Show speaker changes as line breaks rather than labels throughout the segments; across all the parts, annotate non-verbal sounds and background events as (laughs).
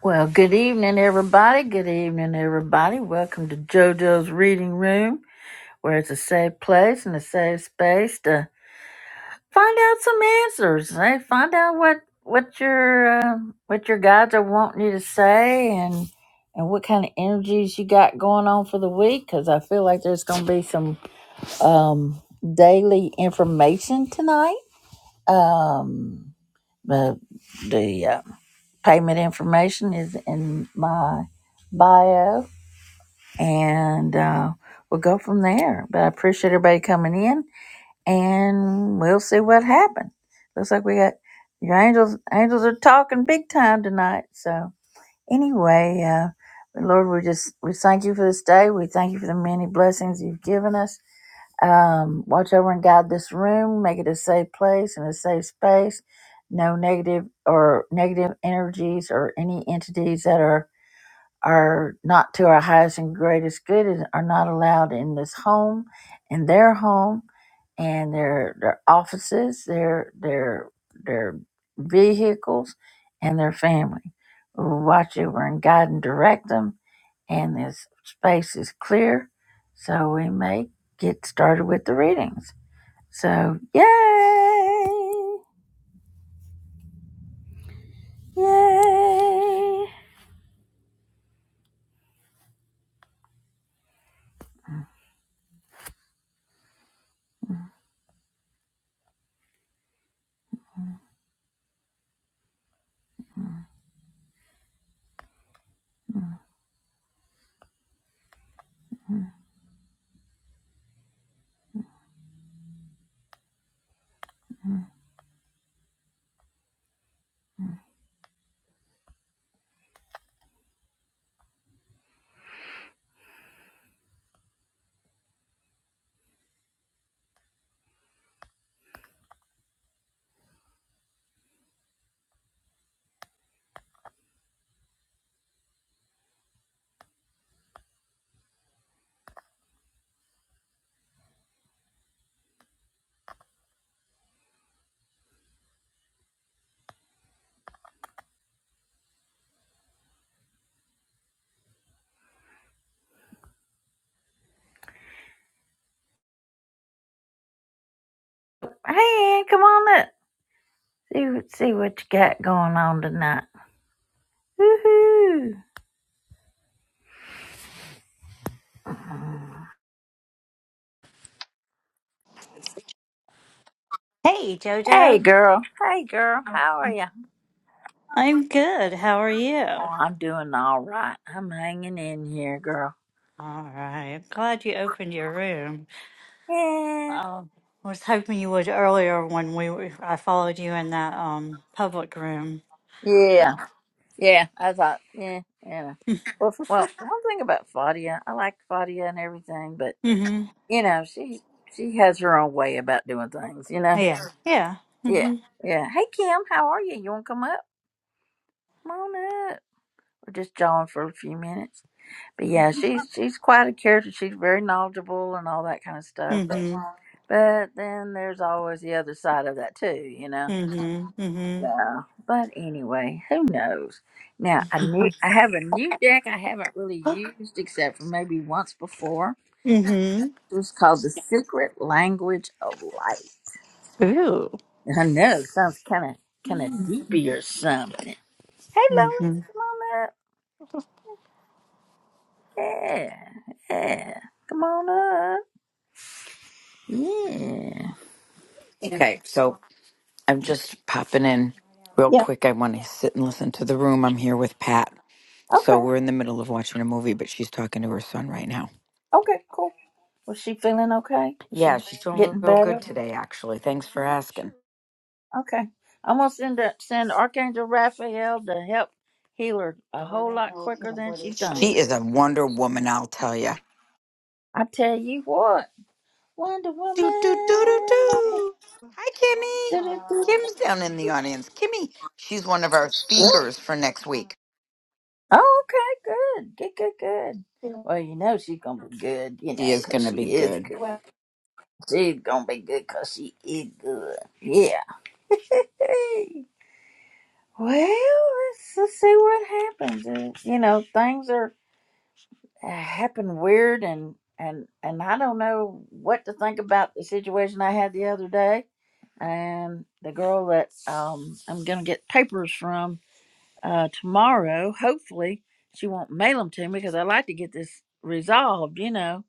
Well, good evening, everybody. Good evening, everybody. Welcome to JoJo's Reading Room, where it's a safe place and a safe space to find out some answers. Hey, find out what what your uh, what your guides are wanting you to say, and and what kind of energies you got going on for the week. Because I feel like there's going to be some um, daily information tonight. Um, the the, uh, Payment information is in my bio, and uh, we'll go from there. But I appreciate everybody coming in, and we'll see what happens. Looks like we got your angels. Angels are talking big time tonight. So anyway, uh, Lord, we just we thank you for this day. We thank you for the many blessings you've given us. Um, watch over and guide this room, make it a safe place and a safe space. No negative or negative energies or any entities that are are not to our highest and greatest good is, are not allowed in this home, in their home, and their their offices, their their their vehicles, and their family. We will watch over and guide and direct them, and this space is clear, so we may get started with the readings. So yay! Yay! Mm-hmm. Hey, Ann, come on up! See, what- see what you got going on tonight. Woohoo!
Hey,
Hey,
Jojo.
girl. Hey, girl. How are you?
I'm good. How are you? All
Oh, I'm doing all right. I'm hanging in here, girl.
right. Glad you opened your room.
Yeah.
Um, was hoping you would earlier when we were, I followed you in that um public room.
Yeah.
Oh.
Yeah. I thought, yeah, yeah. Well, f-
(laughs)
well, one thing about Fadia, I like Fadia and everything, but
mhm.
you know, she she has her own way about doing things. You know.
Yeah. Yeah.
Yeah.
Mhm.
Yeah. Hey, Kim. How are you? You want to come up? Come on up. We're just jawing for a few minutes. But yeah, she's she's quite a character. She's very knowledgeable and all that kind of stuff. But
Mhm.
but then there's always the other side of that too, you know.
Mhm.
Yeah. But anyway, who knows? Now I new (laughs) I have a new deck I haven't really
Mhm.
used except for maybe once before.
(gasps) mhm.
It was called The Secret Language of Light.
Ooh.
And I know it sounds kinda kinda deepy or something. Hey Lois,
Mhm.
come on up. Yeah. Yeah. Come on up. Yeah.
Okay, so I'm just popping in real
Yeah.
quick. I want to sit and listen to the room. I'm here with Pat.
Okay.
So we're in the middle of watching a movie, but she's talking to her son right now.
Okay, cool. Was she feeling okay? Is she
Yeah, she's doing
getting
real
better?
good today, actually. Thanks for asking.
Okay. I'm gonna send a, send Archangel Raphael to help heal her a whole lot quicker than she thinks.
She is a Wonder Woman, I'll tell you.
I tell you what, Wonder
Do, do, do, do,
Woman. Wonder-
do. Hi, Kimmy. Kim's down in the
do-do-do-do.
audience. Kimmy, she's one of our speakers for next week.
Oh, okay, good, good, good, good. Well, you know she's gonna be good, you
He
know,
is
'cause
going to be
she is
good.
good. She's gonna be good 'cause she is good. Yeah. Hey. Well, let's, let's see what happens. And, you know, things are uh, happen weird, and and and I don't know what to think about the situation I had the other day. And the girl that um I'm gonna get papers from uh tomorrow, hopefully she won't mail them to me because I like to get this resolved, you know.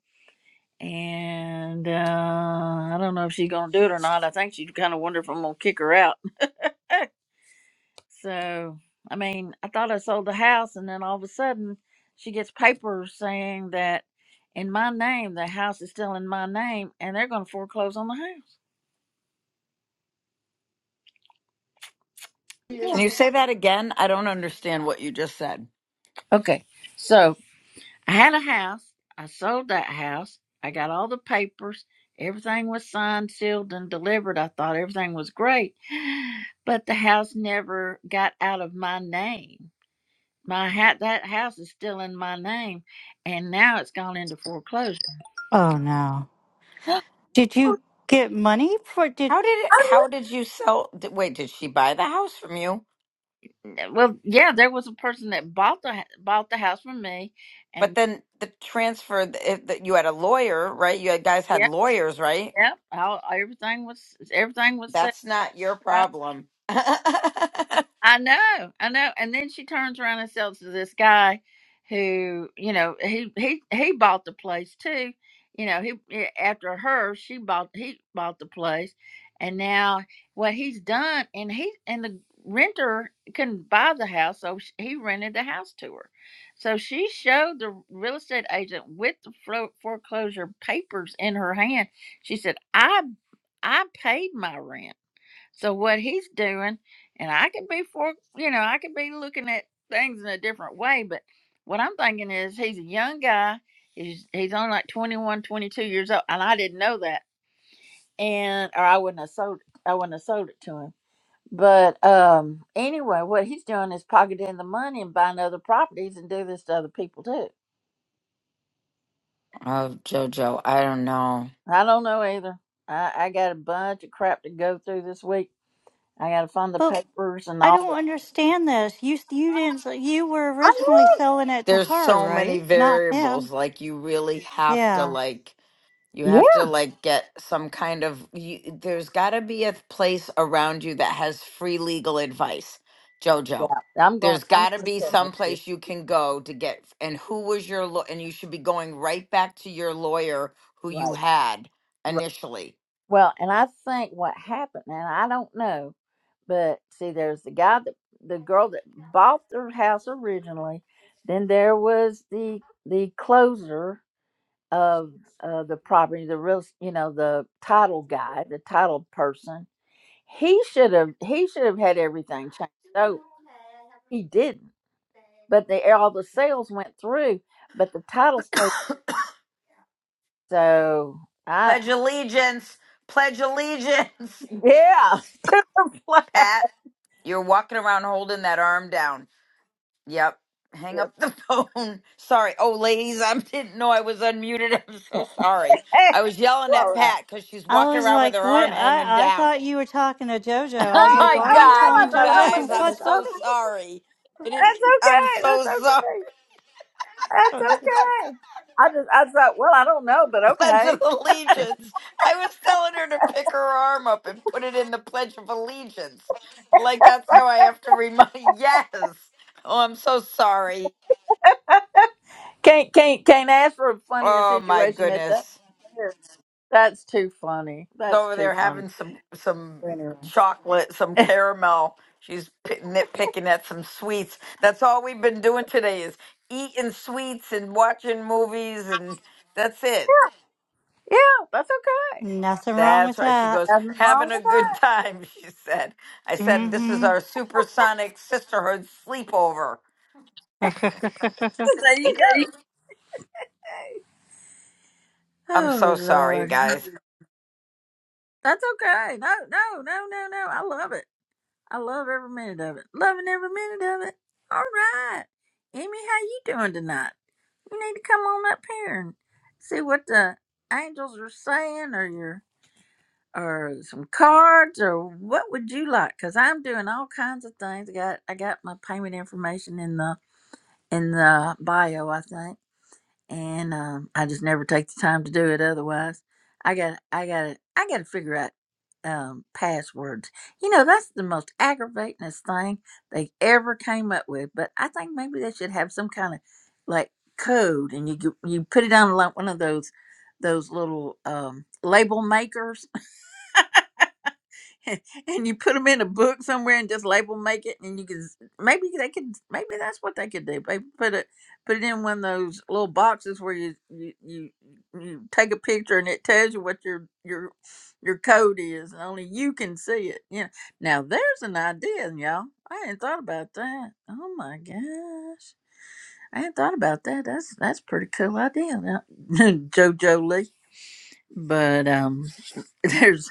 And uh I don't know if she's gonna do it or not. I think she kind of wondered if I'm gonna kick her out So, I mean, I thought I sold the house, and then all of a sudden, she gets papers saying that in my name, the house is still in my name, and they're going to foreclose on the house.
Can
Yeah.
you say that again? I don't understand what you just said.
Okay. So, I had a house. I sold that house. I got all the papers. Everything was signed, sealed, and delivered. I thought everything was great, (gasps) (sighs) but the house never got out of my name. My ha- that house is still in my name, and now it's gone into foreclosure.
Oh no. Did
(gasps)
you get money for did?
How did it, how did you sell? Did, wait, did she buy the house from you?
Well, yeah, there was a person that bought the ha- bought the house from me,
But
and
then the transfer the- if that you had a lawyer, right? You had, guys had
yep,
lawyers, right?
yep, all, everything was everything was set.
That's not your problem. (laughs)
I know, I know. And then she turns around and sells to this guy who, you know, he he he bought the place too. You know, he eh, after her, she bought he bought the place, and now what he's done, and he and the renter couldn't buy the house, so sh- he rented the house to her. So she showed the real estate agent with the fro- foreclosure papers in her hand. She said, "I I paid my rent." So what he's doing, and I could be for you know, I could be looking at things in a different way, but what I'm thinking is he's a young guy. He's he's only like 21, 22 years old, and I didn't know that, and or I wouldn't have sold I wouldn't have sold it to him. But um, anyway, what he's doing is pocketing the money and buying other properties and do this to other people too.
Oh, Jojo, I don't know.
I don't know either. I, I got a bunch of crap to go through this week. I got to fund the papers and
I
all
don't
that.
understand this. You you didn't you were
I
originally selling it to
There's
her,
so many
right? Not
variables.
him.
Like you really have to
Yeah.
like. You
know.
have to like get some kind of you, there's got to be a place around you that has free legal advice,
Yeah,
Jojo.
I'm going.
There's
I'm
got to
going to
be
say
some
that's it.
place you can go to get and who was your law and you should be going right back to your lawyer who you
Right,
had
right.
initially.
Well, and I think what happened, and I don't know, but see, there's the guy that the girl that bought the house originally. Then there was the the closer of uh, the property, the real, you know, the title guy, the title person. He should have he should have had everything changed. So he didn't. But the all the sales went through, but the title stayed. So. I.
Pledge allegiance, pledge allegiance,
Yeah, (laughs) to the flag.
(laughs) Pat. You're walking around holding that arm down. Yep. Hang
Yep.
up the phone. (laughs) Sorry. Oh, ladies, I (laughs) didn't know I was unmuted. (laughs) I'm so sorry.
Hey,
I was yelling
you
at
all right.
Pat because she's
I
walking
was
around with
like,
her
what?
arm hanging
I I
down.
thought you were talking to JoJo.
(laughs)
I
Oh
was like,
my
Oh, oh,
why are
I
you
God,
know. I
telling
you
thought, oh my
guys,
JoJo (laughs)
I'm
goodness.
what's
Oh,
so sorry. I didn't,
that's
I'm
okay. That's
so sorry.
okay. That's
on this?
okay. I just, I thought, well, I don't know, but
(laughs) Pledge
okay.
of Allegiance. I was telling her to pick her arm up and put it in the Pledge of Allegiance. Like that's how I have to remind. (laughs) Yes. Oh, I'm so sorry.
Can't, can't, can't ask for a funnier
Oh my
situation at that.
goodness.
Yeah. That's too funny. That's
over
too
there
funny.
having some some
Anyway.
chocolate, some caramel. She's pi- nitpicking at some sweets. That's all we've been doing today is eating sweets and watching movies, and that's it.
Yeah, that's
(laughs)
okay.
Nothing wrong
That's
with
why she
that.
goes
Nothing wrong
having
with
a good
that.
time. (laughs) She said. I said this is
Mm-hmm.
our supersonic sisterhood sleepover.
(laughs)
(laughs) There you go.
I'm
Oh
so sorry,
Lord,
guys.
that's okay. No, no, no, no, no. I love it. I love every minute of it. Loving every minute of it. All right. Amy, how you doing tonight? You need to come on up here and see what the angels are saying or your or some cards or what would you like? Cause I'm doing all kinds of things. I got I got my payment information in the in the bio, I think and um, I just never take the time to do it. Otherwise, I got I got I got to figure out um, passwords. You know, that's the most aggravatingest thing they ever came up with. But I think maybe they should have some kind of like code, and you g- you put it on like one of those those little um, label makers (laughs) and you put them in a book somewhere and just label make it and you can maybe they could maybe that's what they could do maybe put it put it in one of those little boxes where you you you, you take a picture and it tells you what your your your code is and only you can see it you know now there's an idea y'all i hadn't thought about that oh my gosh i hadn't thought about that that's that's a pretty cool idea now, (laughs) jojo lee but um (laughs) there's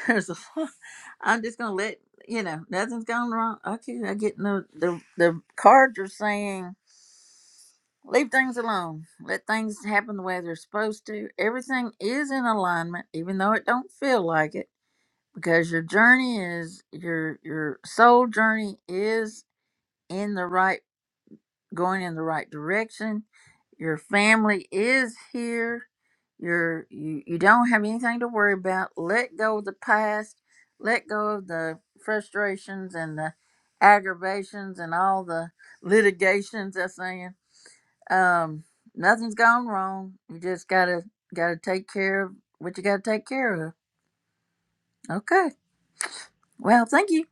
(laughs) There's a lot. I'm just gonna let you know nothing's gone wrong. Okay, I get no the the cards are saying leave things alone, let things happen the way they're supposed to. Everything is in alignment, even though it don't feel like it, because your journey is your your soul journey is in the right going in the right direction. Your family is here. You're you, you don't have anything to worry about. Let go of the past. Let go of the frustrations and the aggravations and all the litigations I'm saying. Um, nothing's gone wrong. You just gotta gotta take care of what you gotta take care of. Okay. Well, thank you.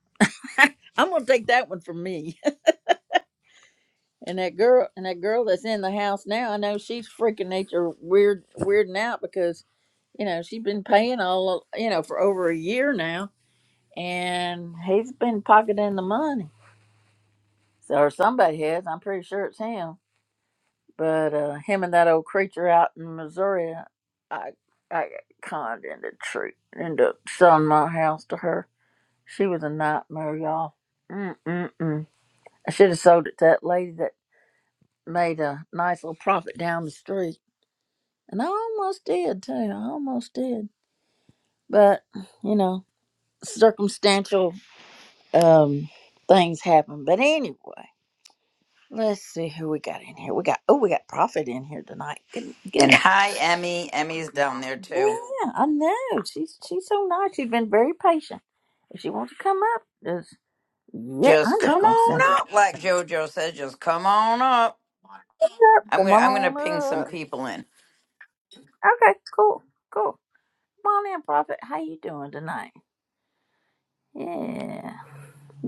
(laughs) I'm gonna take that one for me. And that girl and that girl that's in the house now, I know she's freaking nature weird weirding out because, you know, she's been paying all you know, for over a year now and he's been pocketing the money. So or somebody has, I'm pretty sure it's him. But uh him and that old creature out in Missouri I I got conned into truth into selling my house to her. She was a nightmare, y'all. Mm mm mm. I should have sold it to that lady that made a nice little profit down the street. And I almost did too. I almost did. But, you know, circumstantial um things happen. But anyway, let's see who we got in here. We got oh we got Prophet in here tonight. Good, good.
And hi, Emmy. Emmy's down there too.
Yeah, I know. She's she's so nice. She's been very patient. If she wants to come up, just yeah,
Just
I'm just
come
gonna
on
send her
up, like JoJo says. Just come on up.
up.
I'm
Come
gonna I'm gonna ping some
on up.
people in.
Okay, cool, cool. Come on in, Prophet. How you doing tonight? Yeah.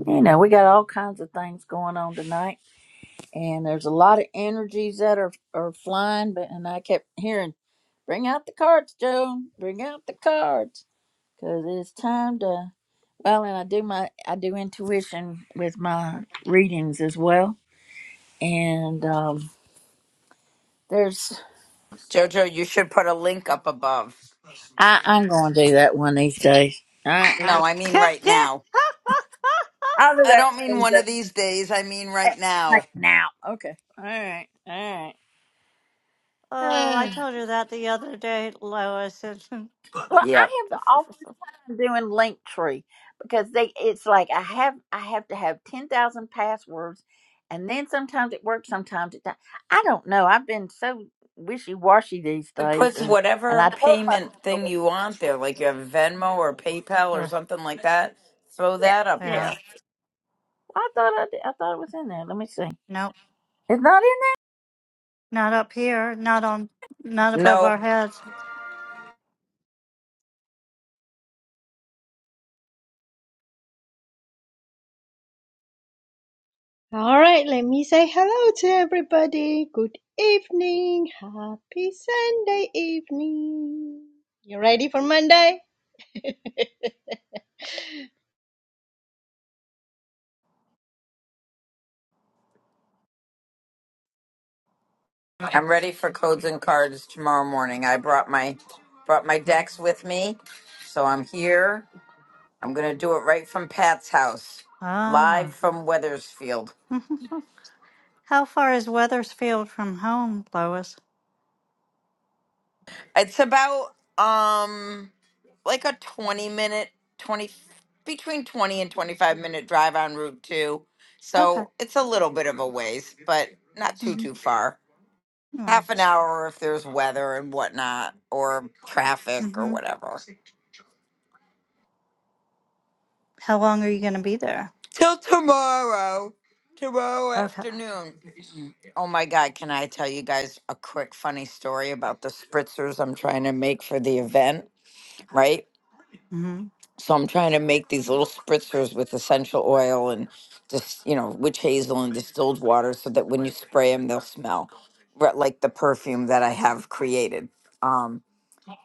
You know, we got all kinds of things going on tonight. and there's a lot of energies that are are flying but and i kept hearing bring out the cards joan bring out the cards because it's time to well and i do my i do intuition with my readings as well and um there's
Jojo, you should put a link up above.
i i'm gonna do that one these days i, I
No, I mean right now.
i'll do
I
that
don't mean
one these
one of
days
these days. I mean
Eh,
right
right
now.
now okay all right all
oh, I
right (sighs)
told her that the other day, Lois. and-
Well,
Yep.
I have the awful time doing Linktree because they it's like I have I have to have ten thousand passwords, and then sometimes it works, sometimes it don't. I don't know. I've been so wishy washy these
It
days,
puts
and and I
whatever
told myself,
payment
I
thing
was-
you want there, like you have Venmo or PayPal or
(laughs)
something like that. Throw
yeah,
that up
yeah.
yeah.
there.
Well, I thought I did, I thought it was in there. Let me see.
Nope.
It's not in there.
Not up here. Not on. Not above our
Nope.
heads.
All right, let me say hello to everybody. Good evening. Happy Sunday evening. You ready for Monday? (laughs)
I'm ready for codes and cards tomorrow morning. I brought my brought my decks with me, so I'm here. I'm gonna do it right from Pat's house, live
Ah.
from Weathersfield.
Mhm. How far is Weathersfield from home, Lois?
It's about um like a 20 minute 20 between 20 and 25 minute drive on Route 2.
Okay.
So it's a little bit of a ways, but not too
hmm
too far. Half an hour if there's weather and whatnot or traffic or
Mm-hmm.
whatever.
How long are you going to be there?
Till tomorrow. Tomorrow
Okay.
afternoon. Oh my god, can I tell you guys a quick funny story about the spritzers I'm trying to make for the event, right?
hmm
So I'm trying to make these little spritzers with essential oil and just, you know, witch hazel and distilled water so that when you spray them, they'll smell re- like the perfume that I have created. Um,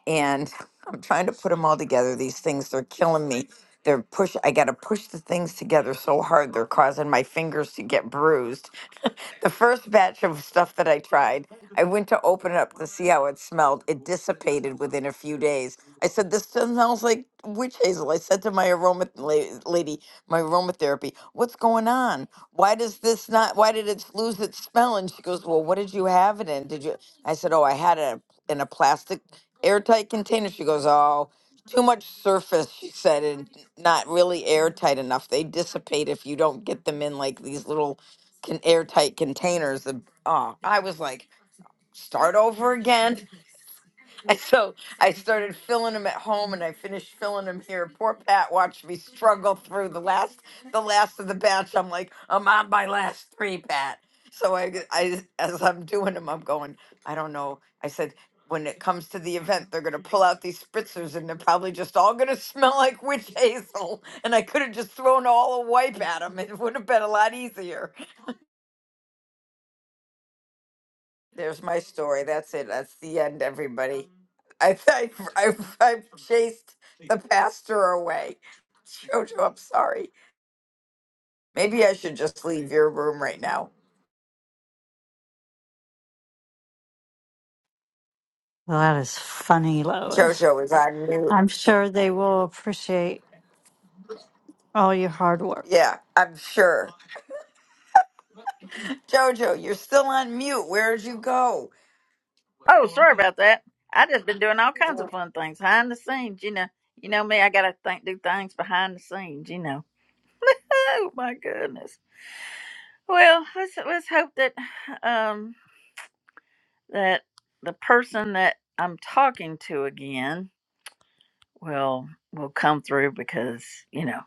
and (laughs) I'm trying to put them all together. These things, they're killing me. They're push. I got to push the things together so hard. They're causing my fingers to get bruised the first batch of stuff that I tried, I went to open it up to see how it smelled. It dissipated within a few days. I said, This smells like witch hazel. I said to my aroma la- lady, my aromatherapy, What's going on? Why does this not, why did it lose its smell? And she goes, Well, what did you have it in? Did you? I said, Oh, I had it in a plastic airtight container. She goes, Oh, too much surface, she said, and not really airtight enough. They dissipate if you don't get them in like these little can airtight containers. The oh, I was like, start over again. (laughs) And so I started filling them at home, and I finished filling them here. Poor Pat watched me struggle through the last, the last of the batch. I'm like, I'm on my last three, Pat. So I, I, as I'm doing them, I'm going. I don't know. I said. When it comes to the event, they're gonna pull out these spritzers, and they're probably just all gonna (laughs) smell like witch hazel. And I could have just thrown all a wipe at them; it would have been a lot easier. There's my story. That's it. That's the end, everybody. I I I, I chased the pastor away. Jojo, I'm sorry. Maybe I should just leave your room right now.
Well, that is funny, Lois.
Jojo is on mute.
I'm sure they will appreciate all your hard work.
Yeah, I'm sure. Jojo, you're still on mute. Where'd you go?
Oh, sorry about that. I just been doing all kinds of fun things behind the scenes. You know, you know me. I gotta think do things behind the scenes. You know. Oh my goodness. Well, let's let's hope that um that the person that I'm talking to again will will come through because you know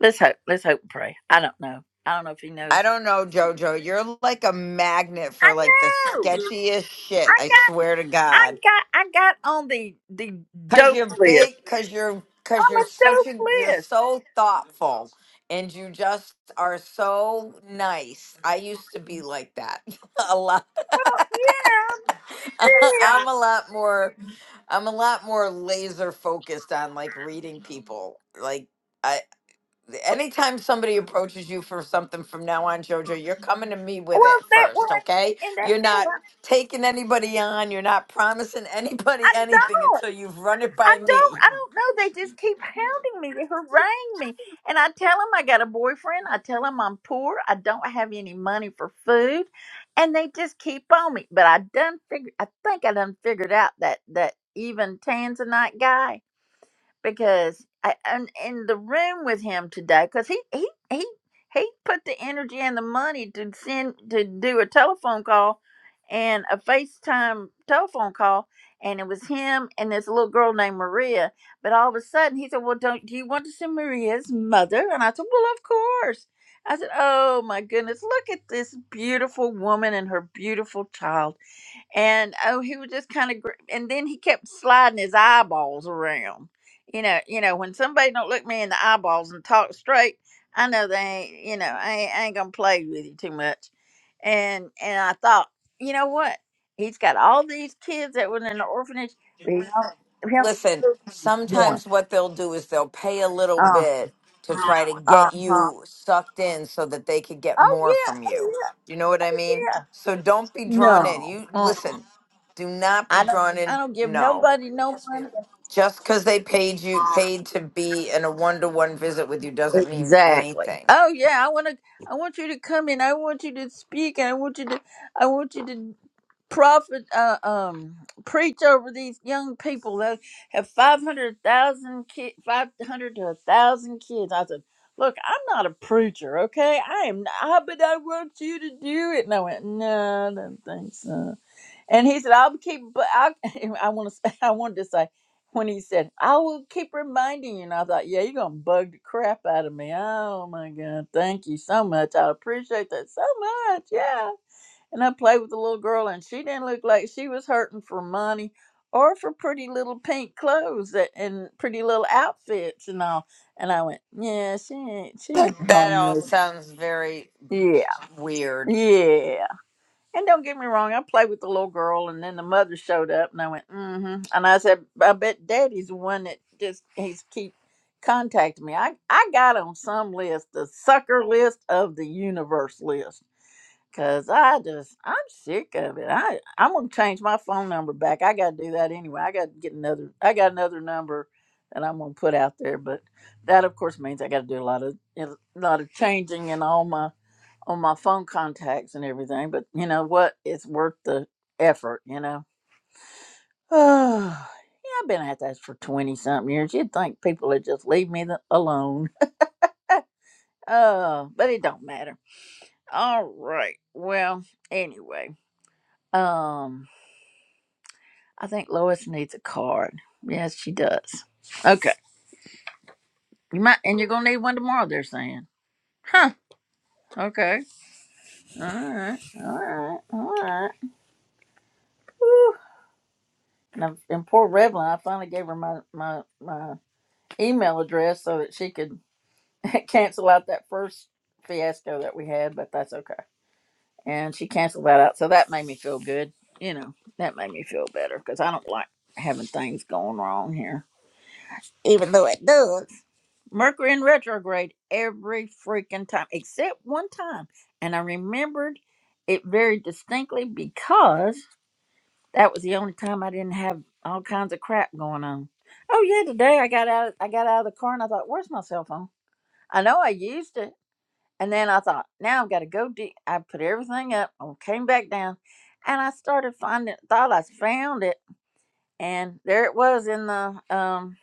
let's hope let's hope and pray. I don't know. I don't know if he
I
knows.
don't know, Jojo. You're like a magnet for
I
like the
know.
sketchiest shit.
I
I
got
swear to
I
God.
got I got on the the
Cause
dope
you're
list.
big, cause you're cause you're
I'm a
such
dope
a you're
list.
so thoughtful and you just are so nice. I used to be like that (laughs) a lot. (laughs)
Well, yeah, yeah.
I'm a lot more I'm a lot more laser focused on like reading people. Like I anytime somebody approaches you for something from now on, Jojo, you're coming to me with
Well,
it
that one,
first, okay?
and that's
You're
what
not
I,
taking anybody on, you're not promising (laughs) anybody
I
anything
don't.
until you've run it
I
by
don't.
me.
I don't know. They just keep hounding me. They harangue me, and I tell them I got a boyfriend. I tell them I'm poor. I don't have any money for food, and they just keep on me. But I done figured. I think I done figured out that that even Tanzanite guy because I I'm in the room with him today because he he he he put the energy and the money to send to do a telephone call and a FaceTime telephone call and it was him and this little girl named Maria. But all of a sudden he said, Well don't do you want to see Maria's mother? And I said, Well of course. I said, Oh my goodness, look at this beautiful woman and her beautiful child and oh he was just kind of gr- and then he kept sliding his eyeballs around you know you know when somebody don't look me in the eyeballs and talk straight i know they ain't you know i ain't, I ain't gonna play with you too much and and i thought you know what he's got all these kids that was in the orphanage but he's only, he
Listen,
only chose one
sometimes what they'll do is they'll pay a little
uh,
bit to try to get
uh-huh
you sucked in so that they could get
oh
more
yeah
from
oh
you. You know what I mean?
yeah yeah
So don't be drawn in.
no
You
uh,
listen, do not be
i don't
drawn
i
in.
don't give
No
nobody no money
Just because they paid you paid to be in a one to one visit with you doesn't mean
Exactly.
anything.
Oh yeah, I want to. I want you to come in. I want you to speak. And I want you to. I want you to prophet. Uh, um, preach over these young people that have five hundred thousand kid, five hundred to a thousand kids. I said, look, I'm not a preacher, okay? I am. Not, but I want you to do it. And I went, no, I don't think so. And he said, "I'll keep." But I, (laughs) I want to. (laughs) I wanted to say when he said, "I will keep reminding you," and I thought, "Yeah, you're gonna bug the crap out of me." Oh my god! Thank you so much. I appreciate that so much. Yeah. And I played with the little girl, and she didn't look like she was hurting for money or for pretty little pink clothes that, and pretty little outfits and all. And I went, "Yeah, she ain't. She
That
ain't
that all
homeless."
sounds very
Yeah.
weird.
Yeah. And don't get me wrong, I played with the little girl, and then the mother showed up, and I went, mm-hmm. And I said, I bet Daddy's the one that just he's keep contacting me. I I got on some list, the sucker list of the universe list, cause I just I'm sick of it. I I'm gonna change my phone number back. I got to do that anyway. I got to get another. I got another number that I'm gonna put out there, but that of course means I got to do a lot of a lot of changing in all my on my phone contacts and everything, but you know what? It's worth the effort, you know? (sighs) Oh, yeah, I've been at this for 20 something years. You'd think people would just leave me the, alone. Oh, but it don't matter. All right. Well, anyway, um, I think Lois needs a card. Yes, she does. Okay. You might, and you're going to need one tomorrow, they're saying. Huh. Okay. All right. All right. All right. Whew. And, I, and poor Revlon, I finally gave her my my my email address so that she could (laughs) cancel out that first fiasco that we had, but that's okay. And she canceled that out. So that made me feel good. You know, that made me feel better because I don't like having things going wrong here, even though it does. Mercury in retrograde every freaking time, except one time. And I remembered it very distinctly because that was the only time I didn't have all kinds of crap going on. Oh yeah, today I got out I got out of the car and I thought, where's my cell phone? I know I used it. And then I thought, now I've got to go deep. I put everything up and came back down. And I started finding thought I found it. And there it was in the um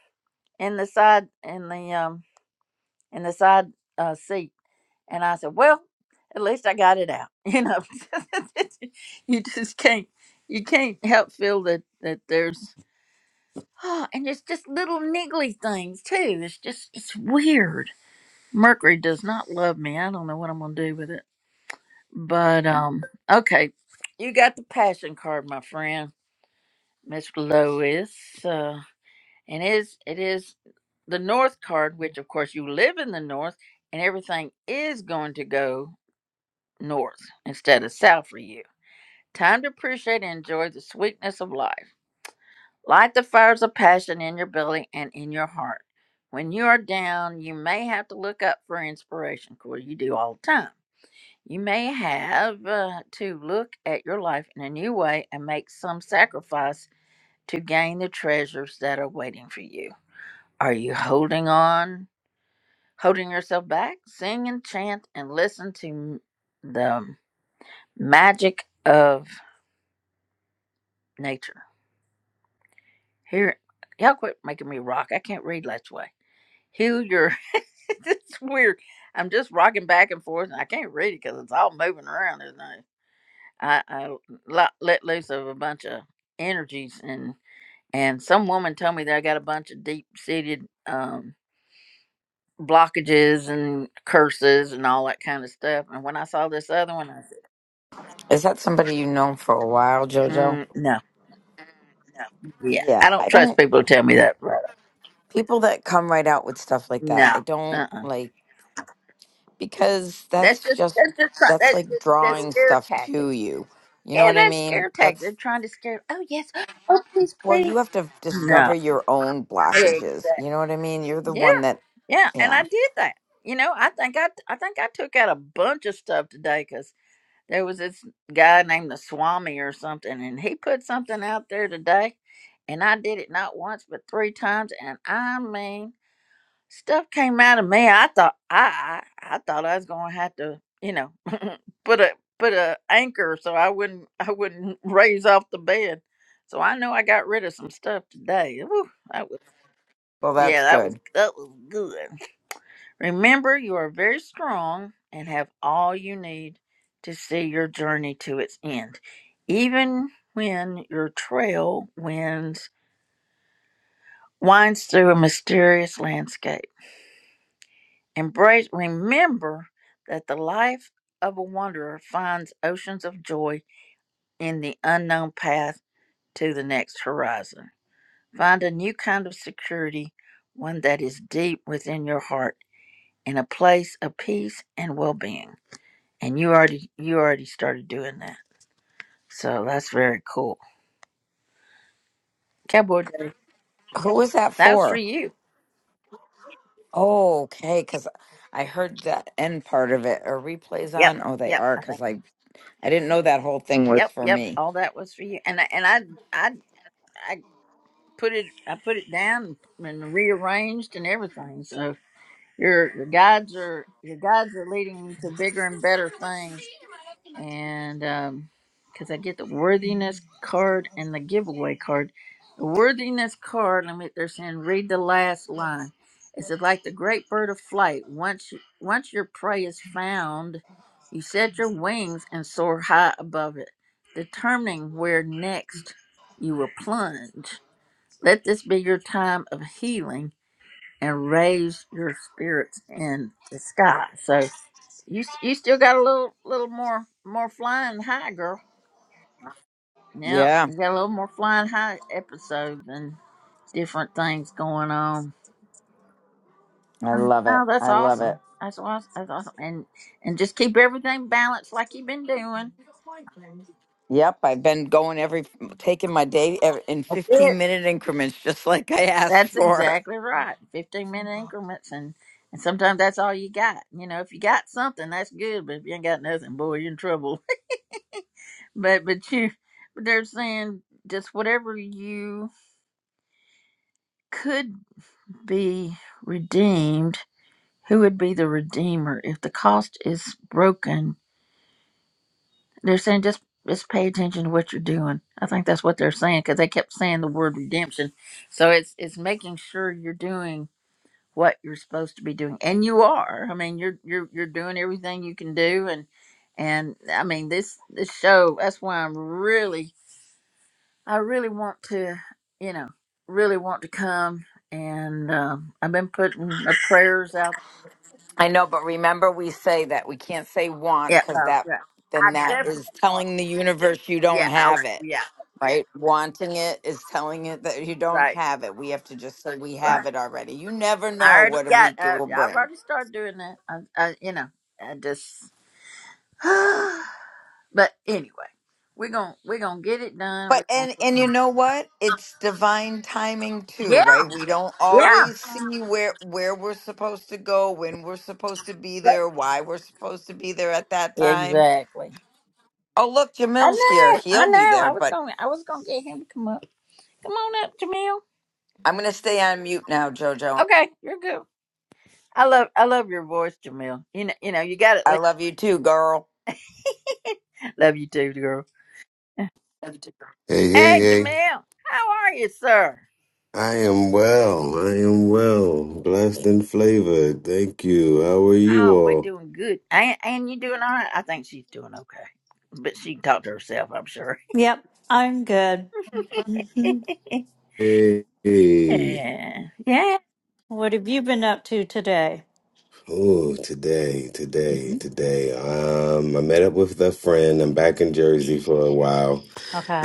in the side in the um in the side uh seat. And I said, Well, at least I got it out. (laughs) You know (laughs) you just can't you can't help feel that that there's oh, and it's just little niggly things too. It's just it's weird. Mercury does not love me. I don't know what I'm gonna do with it. But um, okay, you got the passion card, my friend, Miss Lois. Uh, and it is it is the North card, which of course you live in the North, and everything is going to go north instead of south for you. Time to appreciate and enjoy the sweetness of life. Light the fires of passion in your belly and in your heart. When you are down, you may have to look up for inspiration. Of course, you do all the time You may have uh, to look at your life in a new way and make some sacrifice to gain the treasures that are waiting for you. Are you holding on, holding yourself back? Sing and chant and listen to m- the magic of nature. Here, y'all quit making me rock. I can't read last way. Heal your. (laughs) it's weird. I'm just rocking back and forth and I can't read it because it's all moving around, isn't it? I, I lo- let loose of a bunch of energies and and some woman told me that I got a bunch of deep seated um, blockages and curses and all that kind of stuff. And when I saw this other one, I said,
Is that somebody you know for a while, JoJo?
mm, "No, yeah, I
Yeah,
don't
I
trust
don't.
people who tell me that." Right?
People that come right out with stuff like that,
No,
I don't
uh, uh
like because
that's
that's
just
just
that's just try-
that's
that's just,
like
that's
drawing
scare
stuff to
tactics.
you. You know
Yeah,
what I
that's scare
mean?
tactics. They're
That's
trying to scare. Oh yes, (gasps) oh please,
well,
please.
you have to
No,
discover your own
exactly,
blockages. You know what I mean? You're the
Yeah,
one that,
yeah, and I
yeah.
did that. You know, I think I I think I took out a bunch of stuff today because there was this guy named the Swami or something, and he put something out there today, and I did it not once but three times, and I mean, stuff came out of me. I thought I I, I thought I was gonna have to, you know, (laughs) put a put a anchor so I wouldn't (laughs) I wouldn't raise off the bed. So I know I got rid of some stuff today. Whew, that was
Well, that's
yeah, that was
good.
that was good. Remember, you are very strong and have all you need to see your journey to its end. Even when your trail winds winds through a mysterious landscape. Embrace remember that the life of a wanderer finds oceans of joy in the unknown path to the next horizon. Find a new kind of security, one that is deep within your heart, in a place of peace and well being. and you already you already started doing that so that's very cool cowboy Dave,
Who was that
that was
for?
for you
Oh, okay, because I heard that end part of it. Are replays
yep
on? Oh, they
yep
are,
i think
because I, I didn't know that whole thing was
yep
for
yep
me.
all that was for you and I and i i i put it i put it down and rearranged and everything so your your guides are your guides are leading you to bigger and better things and um because I get the worthiness card and the giveaway card. The worthiness card, let me they're saying read the last line. It says like the great bird of flight, once you, once your prey is found, you set your wings and soar high above it, determining where next you will plunge. Let this be your time of healing and raise your spirits in the sky. So you s- you still got a little little more more flying high, girl. Yeah,
Yeah,
you got a little more flying high episodes and different things going on.
I
Oh,
love it.
wow, that's
I love it.
awesome. That's awesome. That's awesome. And and just keep everything balanced like you've been doing.
Yep, I've been going every, taking my day ev- in
That's it.
15 minute increments, just like I asked
That's
for.
exactly right. Fifteen minute increments and and sometimes that's all you got. You know, if you got something, that's good. But if you ain't got nothing, boy, you're in trouble. But but you but they're saying just whatever you could be redeemed, who would be the redeemer if the cost is broken? They're saying just just pay attention to what you're doing. I think that's what they're saying because they kept saying the word redemption. So it's it's making sure you're doing what you're supposed to be doing, and you are. I mean, you're you're you're doing everything you can do, and and I mean this this show. That's why I'm really I really want to, you know, really want to come. And um, I've been putting the prayers out.
I know, but remember we say that we can't say want
Yeah,
because
uh,
that
yeah.
then
I
that
definitely
is
want.
telling the universe you
Yeah,
don't
I,
have it.
yeah,
Right? Wanting it is telling it that you don't
right,
have it. We have to just say we have
right.
it already. You never
I
know
already
what a
got.
week it
Uh,
will
I've
bring.
already started doing that. I, I you know, I just. (sighs) but anyway, we're gonna we're gonna get it done.
But
We're gonna.
and and you know what? It's divine timing too,
Yeah,
right? We don't
yeah.
always see where where we're supposed to go, when we're supposed to be there, why we're supposed to be there at that time.
Exactly.
Oh, look,
I
Jamil's here.
know. I
He'll be
know.
there,
I was
but
going. to I was going to get him to come up. Come on up, Jamil.
I'm going to stay on mute now, JoJo.
Okay, you're good. I love I love your voice, Jamil. You know, you know, you got
I
it.
love you too, girl.
Love you too, girl.
Hey, hey,
Hey,
hey.
Jamil, how are you, sir?
I am well. I am well. Blessed and flavored. Thank you. How are you
Oh, we're
all?
doing good. And, and you doing all right? I think she's doing okay, but she can talk to herself, I'm sure.
Yep, I'm good. hmm
(laughs)
Hey. hey.
yeah, yeah,
What have you been up to today?
Oh, today, today,
hmm
today. Um, I met up with a friend. I'm back in Jersey for a while.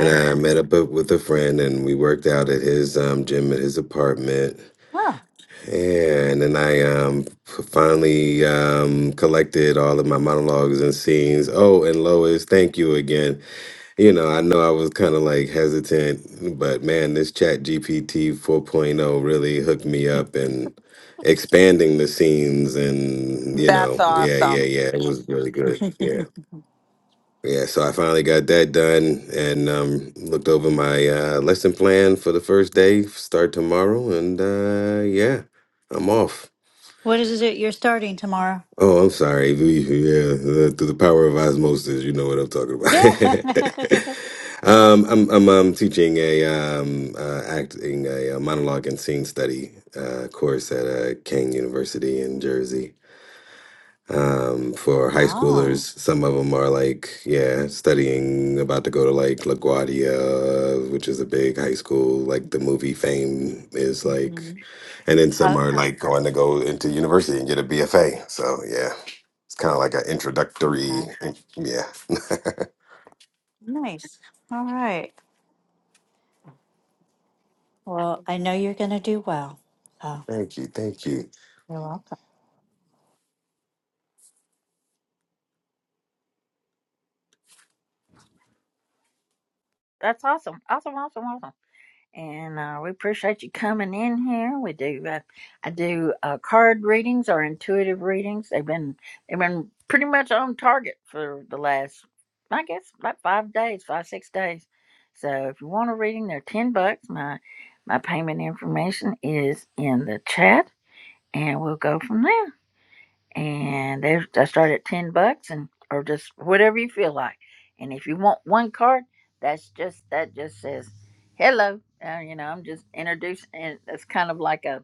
And I met up with a friend and we worked out at his um, gym at his apartment.
Oh,
And then I um, f- finally um, collected all of my monologues and scenes. Oh, and Lois, thank you again. You know, I know I was kind of like hesitant, but man, this Chat GPT 4.0 really hooked me up and expanding the scenes and you know,
That's
yeah, yeah,
awesome.
yeah. It was really good. Yeah. Yeah, so I finally got that done and um looked over my uh lesson plan for the first day, start tomorrow and uh yeah, I'm off.
what is it you're starting tomorrow?
Oh, I'm sorry. We- Yeah, uh, through the power of osmosis, you know what I'm talking
Yeah.
about.
(laughs)
(laughs) um, I'm I'm um, teaching a um, uh, acting a, uh monologue and scene study uh, course at uh, King University in Jersey um, for high
oh.
schoolers. Some of them are like, yeah, studying, about to go to like LaGuardia, which is a big high school. Like the movie Fame is
hmm
like, and then some are
Okay.
like going to go into university and get a BFA. So yeah, it's kind of like an
Okay.
introductory. Yeah,
Nice. All right. Well, I know you're going to do well. So
thank you, thank you.
you're welcome.
that's awesome, awesome, awesome, awesome. and uh, we appreciate you coming in here. We do uh, I do uh, card readings or intuitive readings. They've been they've been pretty much on target for the last I guess about five days, five six days. So if you want a reading, they're ten bucks. My my payment information is in the chat, and we'll go from there and they I start at ten bucks and or just whatever you feel like. And if you want one card, that's just that just says hello. Uh, you know, I'm just introducing, and it's kind of like a,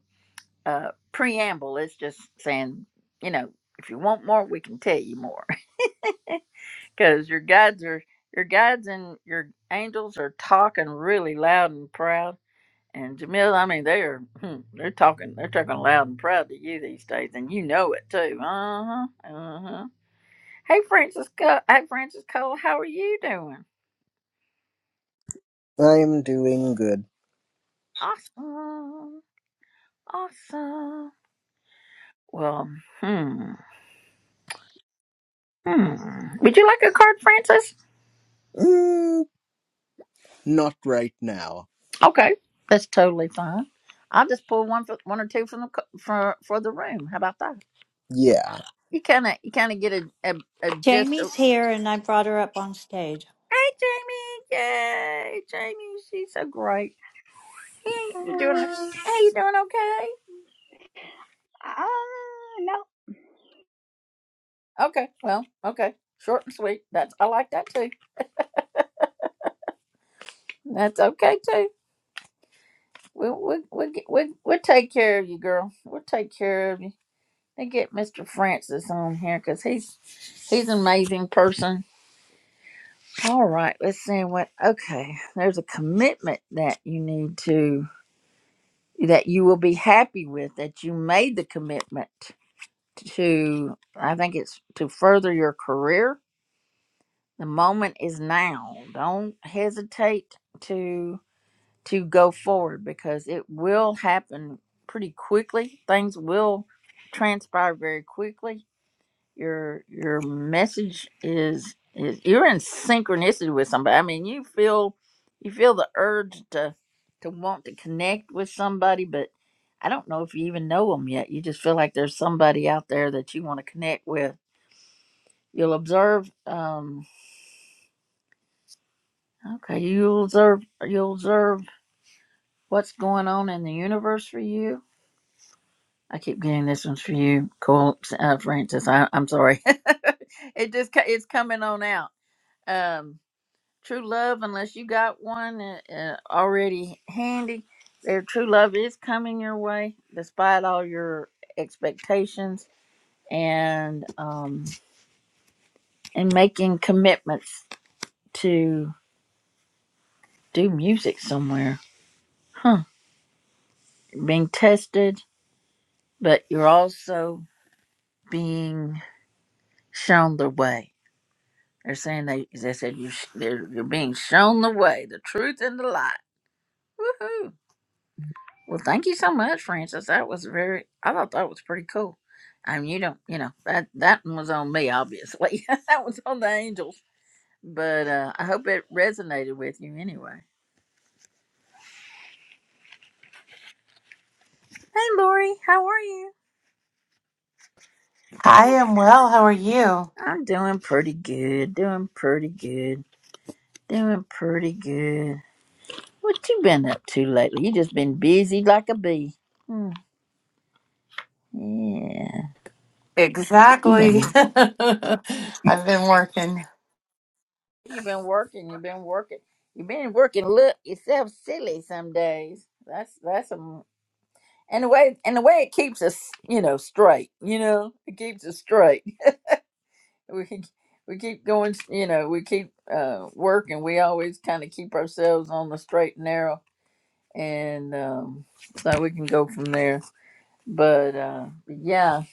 a preamble. It's just saying, you know, if you want more, we can tell you more (laughs) because your guides are your guides and your angels are talking really loud and proud. And Jamil, I mean, they are hmm, they're talking they're talking loud and proud to you these days, and you know it too. Uh huh. Uh huh Hey, Francisco. Hey, Francisco. How are you doing?
I'm doing good.
Awesome. Awesome. Well, hmm. Hmm. Would you like a card, Francis?
Mm, not right now.
Okay, that's totally fine. I'll just pull one for one or two from the co- for for the room. How about that?
Yeah.
You kind of you kind of get a a, a gist. Of,
Jamie's here, and I brought her up on stage.
hey, Jamie. Yay, Jamie. She's so great. Hey, you doing?
Hi.
Hey, you doing okay?
Ah, no.
Okay. Well, okay. Short and sweet. That's I like that too. That's okay too. We we we get- we we'll take care of you, girl. We'll take care of you. They get Mr. Francis on here because he's he's an amazing person. All right, let's see what. Okay, there's a commitment that you need to that you will be happy with that you made the commitment to. I think it's to further your career. The moment is now. Don't hesitate to. to go forward because it will happen pretty quickly. Things will transpire very quickly. Your your message is is you're in synchronicity with somebody. I mean, you feel you feel the urge to to want to connect with somebody, but I don't know if you even know them yet. You just feel like there's somebody out there that you want to connect with. You'll observe. Um, okay, you'll observe. You'll observe what's going on in the universe for you I keep getting this one's for you, Cole uh, Francis. I, I'm sorry. (laughs) it just co- it's coming on out. Um, true love, unless you got one uh, uh, already handy, their true love is coming your way, despite all your expectations and um and making commitments to do music somewhere. Huh? You're being tested, but you're also being shown the way They're saying they they said you sh- they're, you're being shown the way, the truth, and the light. Woohoo! Well, thank you so much, Francis. That was very. I thought that was pretty cool. I mean, you don't, you know, that that one was on me, obviously. (laughs) that was on the angels, but uh, I hope it resonated with you anyway. Hey, Lori, how are you?
I am well. How are you?
I'm doing pretty good. Doing pretty good. Doing pretty good. What you been up to lately? You just been busy like a bee. Hmm. Yeah, you been.
Exactly. (laughs) I've been working.
You've been working. You've been working. You've been working. Look yourself silly some days. That's that's some and the way and the way it keeps us, you know, straight. You know, it keeps us straight. (laughs) We keep- we keep going. You know, we keep uh, working. We always kind of keep ourselves on the straight and narrow, and um, so we can go from there. But uh, yeah,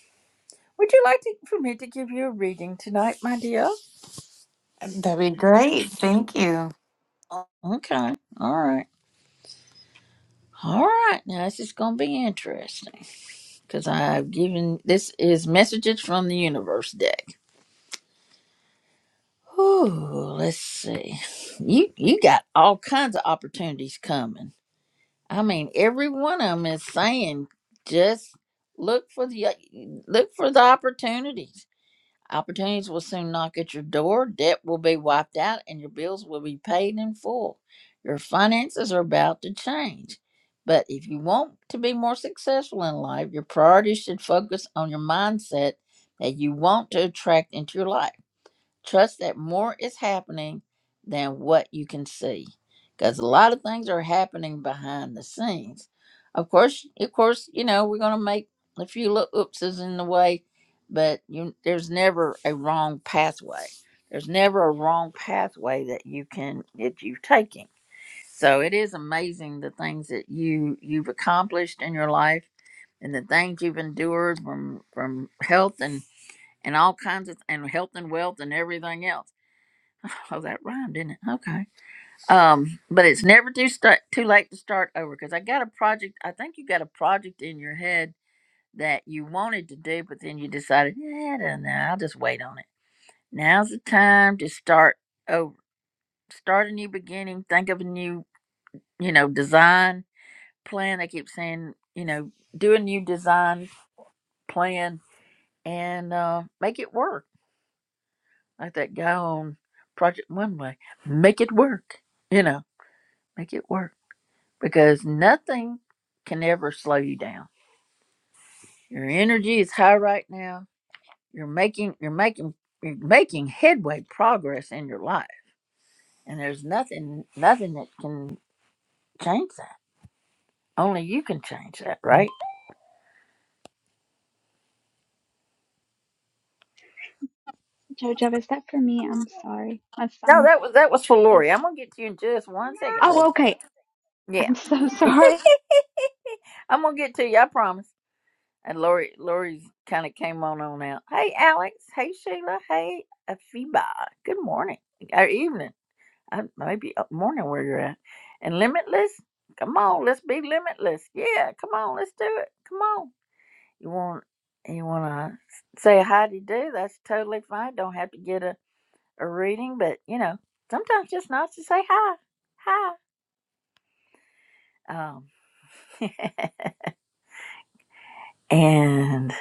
would you like to, for me to give you a reading tonight, my dear?
That'd be great. Thank you.
Okay. All right. All right. Now this is gonna be interesting. because I've given this is messages from the universe deck. Ooh, let's see. You you got all kinds of opportunities coming. I mean, every one of them is saying just look for the look for the opportunities Opportunities will soon knock at your door, debt will be wiped out, and your bills will be paid in full. Your finances are about to change. But if you want to be more successful in life, your priorities should focus on your mindset that you want to attract into your life. Trust that more is happening than what you can see. Because a lot of things are happening behind the scenes. Of course, of course, you know, we're gonna make a few little oopses in the way, but you, there's never a wrong pathway. There's never a wrong pathway that you can that you're taking. So it is amazing the things that you you've accomplished in your life and the things you've endured from from health and and all kinds of and health and wealth and everything else Oh, that rhymed, didn't it? Okay. Um, but it's never too start too late to start over because I got a project. I think you got a project in your head that you wanted to do, but then you decided, yeah, I don't know, I'll just wait on it. Now's the time to start over, start a new beginning. Think of a new, you know, design plan. I keep saying, you know, do a new design plan and uh, make it work. Like that guy on Project One Way, make it work. You know, make it work. because nothing can ever slow you down. Your energy is high right now. You're making you're making you're making headway progress in your life. And there's nothing nothing that can change that. Only you can change that, right?
Jojo, is that for me? I'm sorry. My
No,
son.
that was that was for Lori. I'm gonna get to you in just one second, baby.
Oh, okay.
Yeah.
I'm so (laughs) sorry.
I'm gonna get to you, I promise. And Lori Lori's kinda came on on out. Hey Alex, hey Sheila, hey Afiba. Good morning. Or evening. I maybe up morning where you're at. And limitless? Come on, let's be limitless. Yeah, come on, let's do it. Come on. You want you wanna say hi to do, that's totally fine. Don't have to get a, a reading, but you know, sometimes just nice to say hi. Hi. Um (laughs) and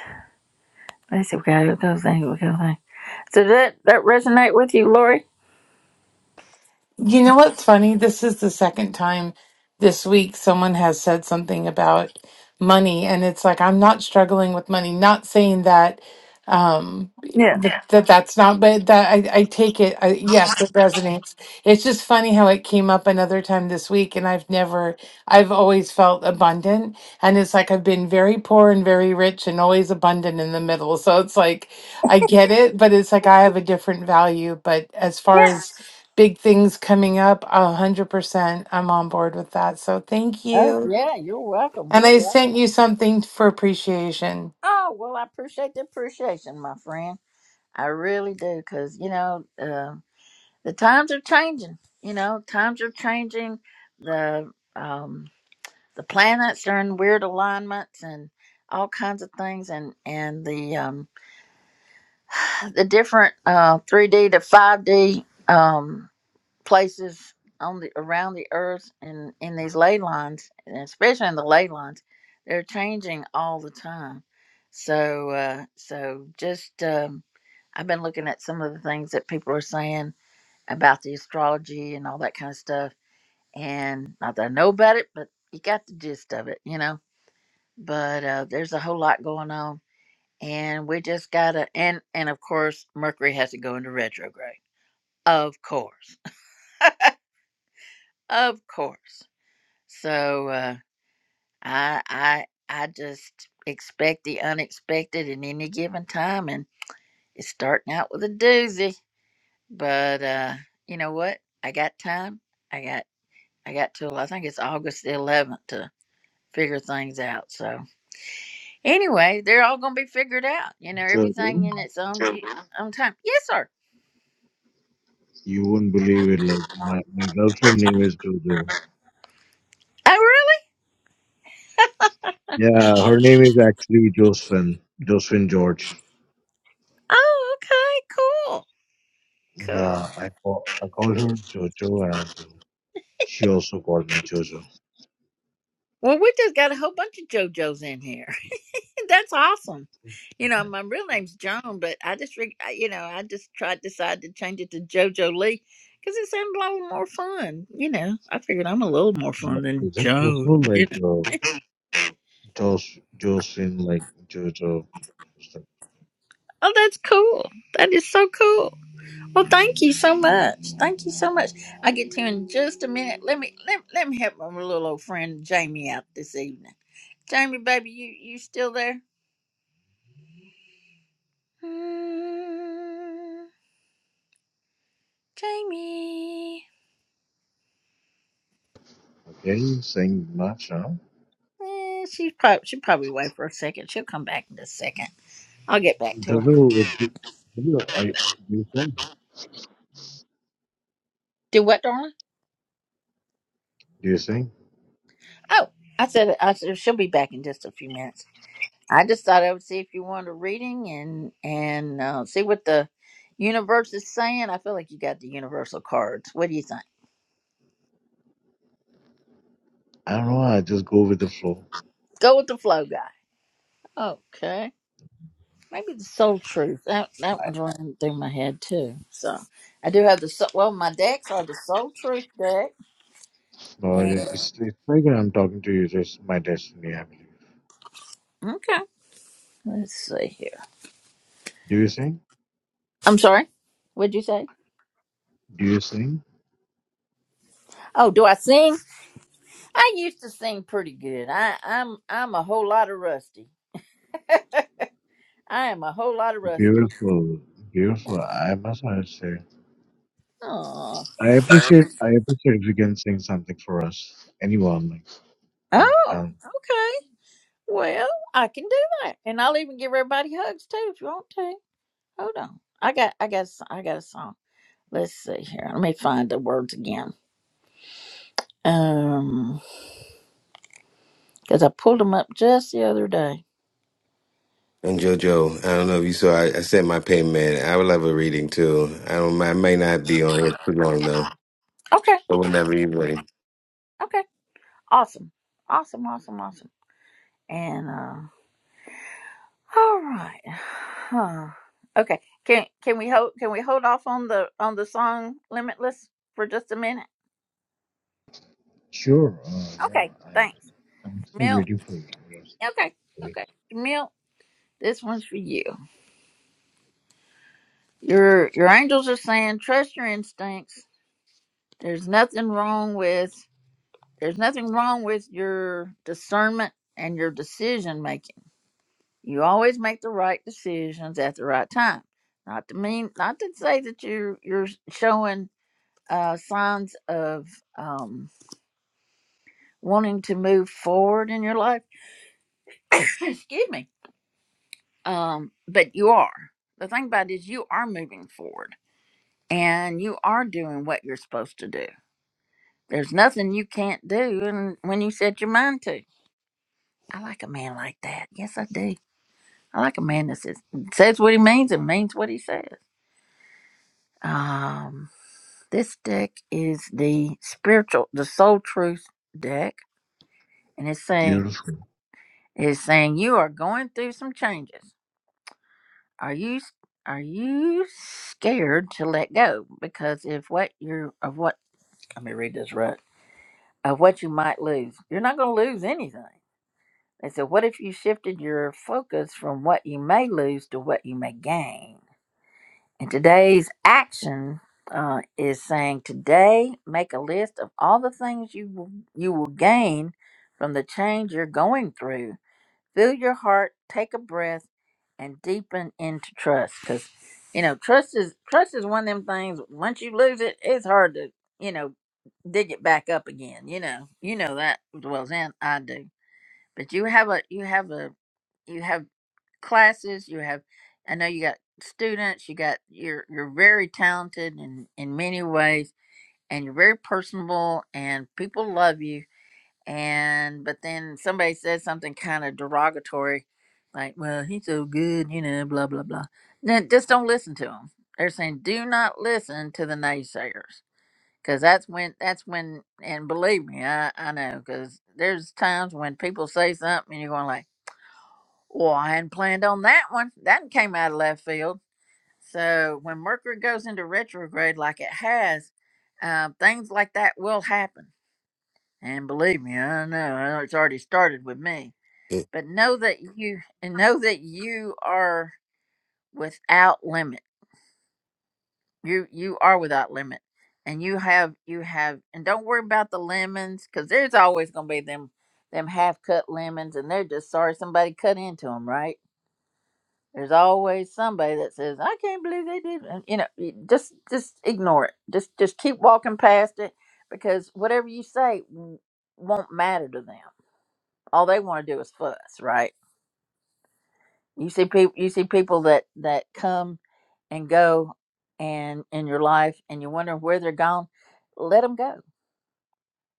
let's see we got a couple things. we got a thing. So that that resonate with you, Lori?
You know what's funny? This is the second time this week someone has said something about money, and it's like I'm not struggling with money. Not saying that um
Yeah.
that, that that's not but that I, I take it I, yes it resonates it's just funny how it came up another time this week and i've never i've always felt abundant and it's like i've been very poor and very rich and always abundant in the middle so it's like i get it but it's like i have a different value but as far
Yeah.
as big things coming up. A hundred percent, I'm on board with that. So thank
Oh
you.
yeah, you're welcome.
And
You're
I
welcome.
sent you something for appreciation.
Oh well I appreciate the appreciation, my friend. I really do, because you know uh, the times are changing. You know, times are changing. The um, the planets are in weird alignments and all kinds of things, and and the um, (sighs) the different uh, three D to five D um, places on the around the earth and in these ley lines, and especially in the ley lines, they're changing all the time. So, uh, so just um, I've been looking at some of the things that people are saying about the astrology and all that kind of stuff, and not that I know about it, but you got the gist of it, you know. But uh, there's a whole lot going on, and we just gotta and and of course Mercury has to go into retrograde, of course, (laughs) of course. So uh, I I I just expect the unexpected in any given time, and it's starting out with a doozy. But uh, you know what? I got time. I got I got till I think it's August the 11th to figure things out. So anyway, they're all gonna be figured out. You know, everything
Jojo.
in its own Mhm. own time. Yes, sir.
You won't believe it. Like my, my girlfriend name
(laughs)
is Jojo.
Oh,
Yeah, her name
really?
is actually Josephine. Josephine George.
Oh, okay, cool, cool.
Yeah, I call I called her Jojo, and uh, she also called me Jojo.
Well, we just got a whole bunch of JoJo's in here. (laughs) That's awesome. You know, my real name's Joan, but I just, re- I- you know, I just tried decide to change it to JoJo Lee because it sounded a little more fun. You know, I figured I'm a little more fun
But
than
is that
Joan.
possible?
(laughs) You
Like
know?
uh, Jos Josephine, like Jojo, It's like,
Oh, that's cool. That is so cool. Well, thank you so much. Thank you so much. I get to you in just a minute. Let me let, let me help my little old friend Jamie out this evening. Jamie, baby, you you still there? Jamie.
okay, saying much, huh?
Eh, she's probably she probably away for a second. She'll come back in a second. I'll get back to her.
Jojo, uh, do, Jojo, I do you sing?
Do what, darling?
Do you sing?
Oh, I said I said she'll be back in just a few minutes. I just thought I would see if you wanted a reading and and uh, see what the universe is saying. I feel like you got the universal cards. What do you think?
I don't know. I just go with the flow.
Go with the flow, guy. Okay, maybe the soul truth. That that one's running through my head too. So I do have the soul. Well, my decks are the soul truth deck.
No,
And
it's, it's like I'm talking to you. It's my destiny, I believe.
okay, let's see here.
Do you sing?
I'm sorry. What'd you say?
Do you sing?
Oh, do I sing? I used to sing pretty good. I, I'm I'm a whole lot of rusty. I am a whole lot of rusty.
Beautiful, beautiful. I must not say.
Oh,
I appreciate. I appreciate if you can sing something for us. Anyone like in the
oh,
panel?
okay. Well, I can do that, and I'll even give everybody hugs too if you want to. Hold on, I got I got a s- I got a song. Let's see here. Let me find the words again. Um, because I pulled them up just the other day.
And JoJo, I don't know if you saw, I, I sent my payment. I would love a reading too. I don't, I may not be on here too long though,
Okay,
but whenever you're ready.
okay, awesome, awesome, awesome, awesome. And uh, all right, huh? Okay, can can we hold can we hold off on the on the song Limitless for just a minute?
Sure. Uh, yeah.
Okay,
I,
thanks,
I'm still
Jamil.
waiting for you. Yes.
Okay,
Wait.
okay, Jamil, this one's for you. Your your angels are saying trust your instincts. There's nothing wrong with there's nothing wrong with your discernment and your decision making. You always make the right decisions at the right time. Not to mean not to say that you you're showing uh, signs of um, wanting to move forward in your life. (coughs) Excuse me. Um, but you are. The thing about it is, you are moving forward and you are doing what you're supposed to do. There's nothing you can't do and when you set your mind to. I like a man like that. Yes, I do. I like a man that says, says what he means and means what he says. Um, this deck is the spiritual, the soul truth deck, and it's saying
Beautiful.
is saying you are going through some changes. Are you s- are you scared to let go because if what you're of what let me read this right of what you might lose, you're not going to lose anything. They said, what if you shifted your focus from what you may lose to what you may gain? And today's action uh, is saying today make a list of all the things you will, you will gain from the change you're going through Fill your heart, take a breath, and deepen into trust. Because you know, trust is trust is one of them things. Once you lose it, it's hard to you know dig it back up again. You know, you know that as well as an- I do. But you have a you have a you have classes. You have I know you got students. You got you're you're very talented in in many ways, and you're very personable, and people love you and but then somebody says something kind of derogatory like well he's so good you know blah blah blah then just don't listen to them they're saying do not listen to the naysayers because that's when that's when and believe me i, I know because there's times when people say something and you're going like well i hadn't planned on that one that came out of left field so when mercury goes into retrograde like it has uh, things like that will happen and believe me, I know, I know it's already started with me. But know that you and know that you are without limit. You you are without limit. And you have you have and don't worry about the lemons cuz there's always going to be them them half cut lemons and they're just sorry somebody cut into them, right? There's always somebody that says, "I can't believe they did." And, you know, you just just ignore it. Just just keep walking past it because whatever you say w- won't matter to them all they want to do is fuss, right? You see people you see people that that come and go and in your life and you wonder where they're gone. Let them go.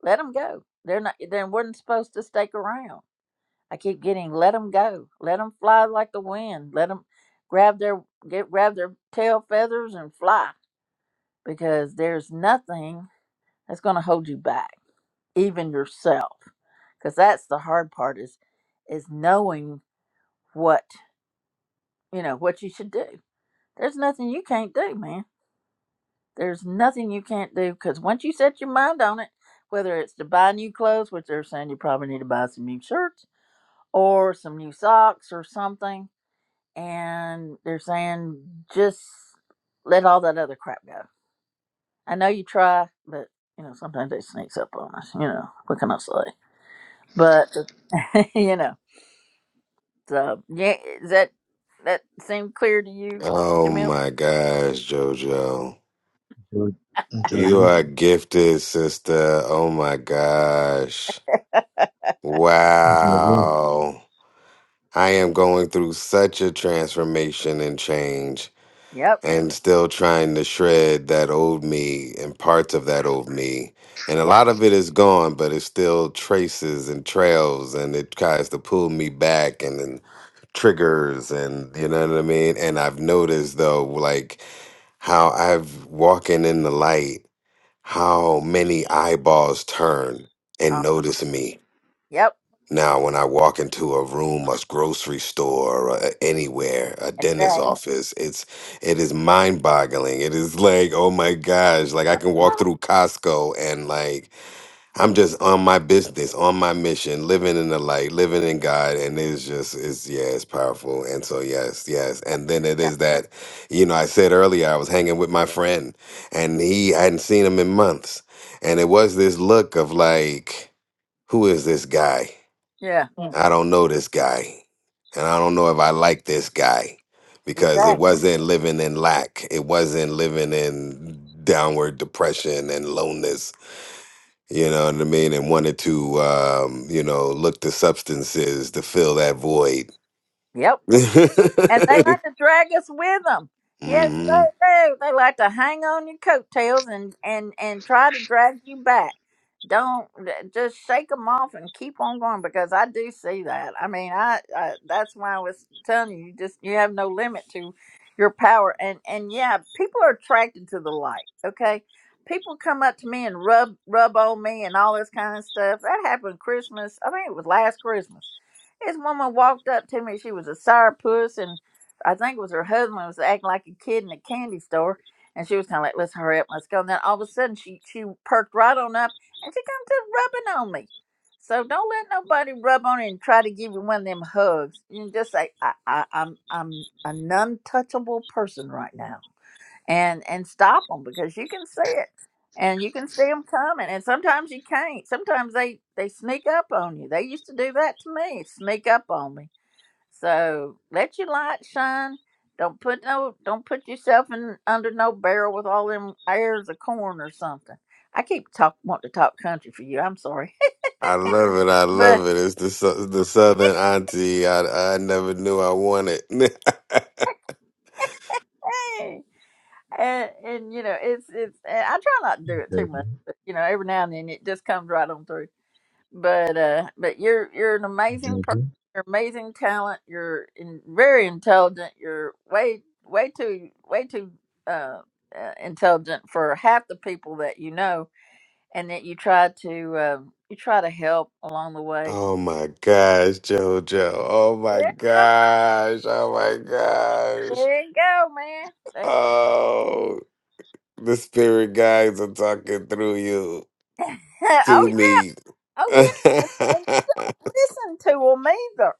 Let them go. They're not they weren't supposed to stick around. I keep getting let them go. Let them fly like the wind. Let them grab their get grab their tail feathers and fly because there's nothing that's going to hold you back, even yourself. Cuz that's the hard part is is knowing what, you know, what you should do There's nothing you can't do, man. There's nothing you can't do because once you set your mind on it, whether it's to buy new clothes, which they're saying you probably need to buy some new shirts or some new socks or something, and they're saying just let all that other crap go. I know you try, but you know sometimes it sneaks up on us. You know what can I say? But (laughs) you know, so yeah, is that that seem clear to you,
Oh
Jamil?
my gosh, JoJo.
Jo-
You
Jojo.
are gifted, sister. Oh my gosh.
Jojo.
Wow. I am going through such a transformation and change.
Yep.
and still trying to shred that old me and parts of that old me. And a
Yep.
lot of it is gone, but it still traces and trails and it tries to pull me back and then triggers and you know what I mean? And I've noticed though, like how I've walking in the light, how many eyeballs turn and
Uh,
notice me
yep.
now, when I walk into a room, a grocery store, or uh, anywhere, a dentist's
Exactly.
office, it's it is mind boggling. It is like, oh my gosh, like I can
huh?
walk through Costco and like I'm just on my business, on my mission, living in the light, living in God, and it's just it's yeah, it's powerful. And so yes, yes, and then it
Yeah.
is that, you know, I said earlier I was hanging with my friend, and he I hadn't seen him in months, and it was this look of like, who is this guy?
Yeah.
I don't know this guy. And I don't know if I like this guy because it
Exactly.
wasn't living in lack. It wasn't living in downward depression and loneliness. You know what I mean? And wanted to, um, you know, look to substances to fill that void.
Yep. And they like
(laughs)
to drag us with them. Yes,
hmm
they do. They like to hang on your coattails and, and, and try to drag you back. Don't just shake them off and keep on going because I do see that. I mean, I, I that's why I was telling you, you just you have no limit to your power. And and yeah, people are attracted to the light. Okay, people come up to me and rub rub on me and all this kind of stuff. That happened Christmas. I think it was last Christmas. This woman walked up to me. She was a sourpuss and I think it was her husband was acting like a kid in a candy store, and she was kind of like, "Let's hurry up, let's go." And then all of a sudden, she she perked right on up, and she comes to rubbing on me. So don't let nobody rub on you and try to give you one of them hugs. You just say, I, I, "I'm I'm a non-touchable person right now," and and stop them because you can see it, and you can see them coming. And sometimes you can't. Sometimes they they sneak up on you. They used to do that to me. Sneak up on me so let your light shine. Don't put no don't put yourself in under no barrel with all them airs of corn or something. I keep talk want to talk country for you. I'm sorry,
I love it. I
(laughs) but
love it. It's the, sou- the Southern auntie I, I never knew I wanted. (laughs)
hey, and, and you know it's it's. And I try not to do it too much,
Jojo.
but you know every now and then it just comes right on through. But uh, but you're you're an amazing person.
Jojo.
You're amazing talent. You're in, very intelligent. You're way way too way too uh, uh, intelligent for half the people that you know and that you try to um, you try to help along the way.
Oh my gosh, JoJo. Oh my
Yeah,
gosh. Oh my gosh.
there you go, man. There-
Oh, the spirit guides are talking through you
(laughs)
to
oh yeah,
me. (laughs)
oh
yeah.
yeah, and, and you don't listen to them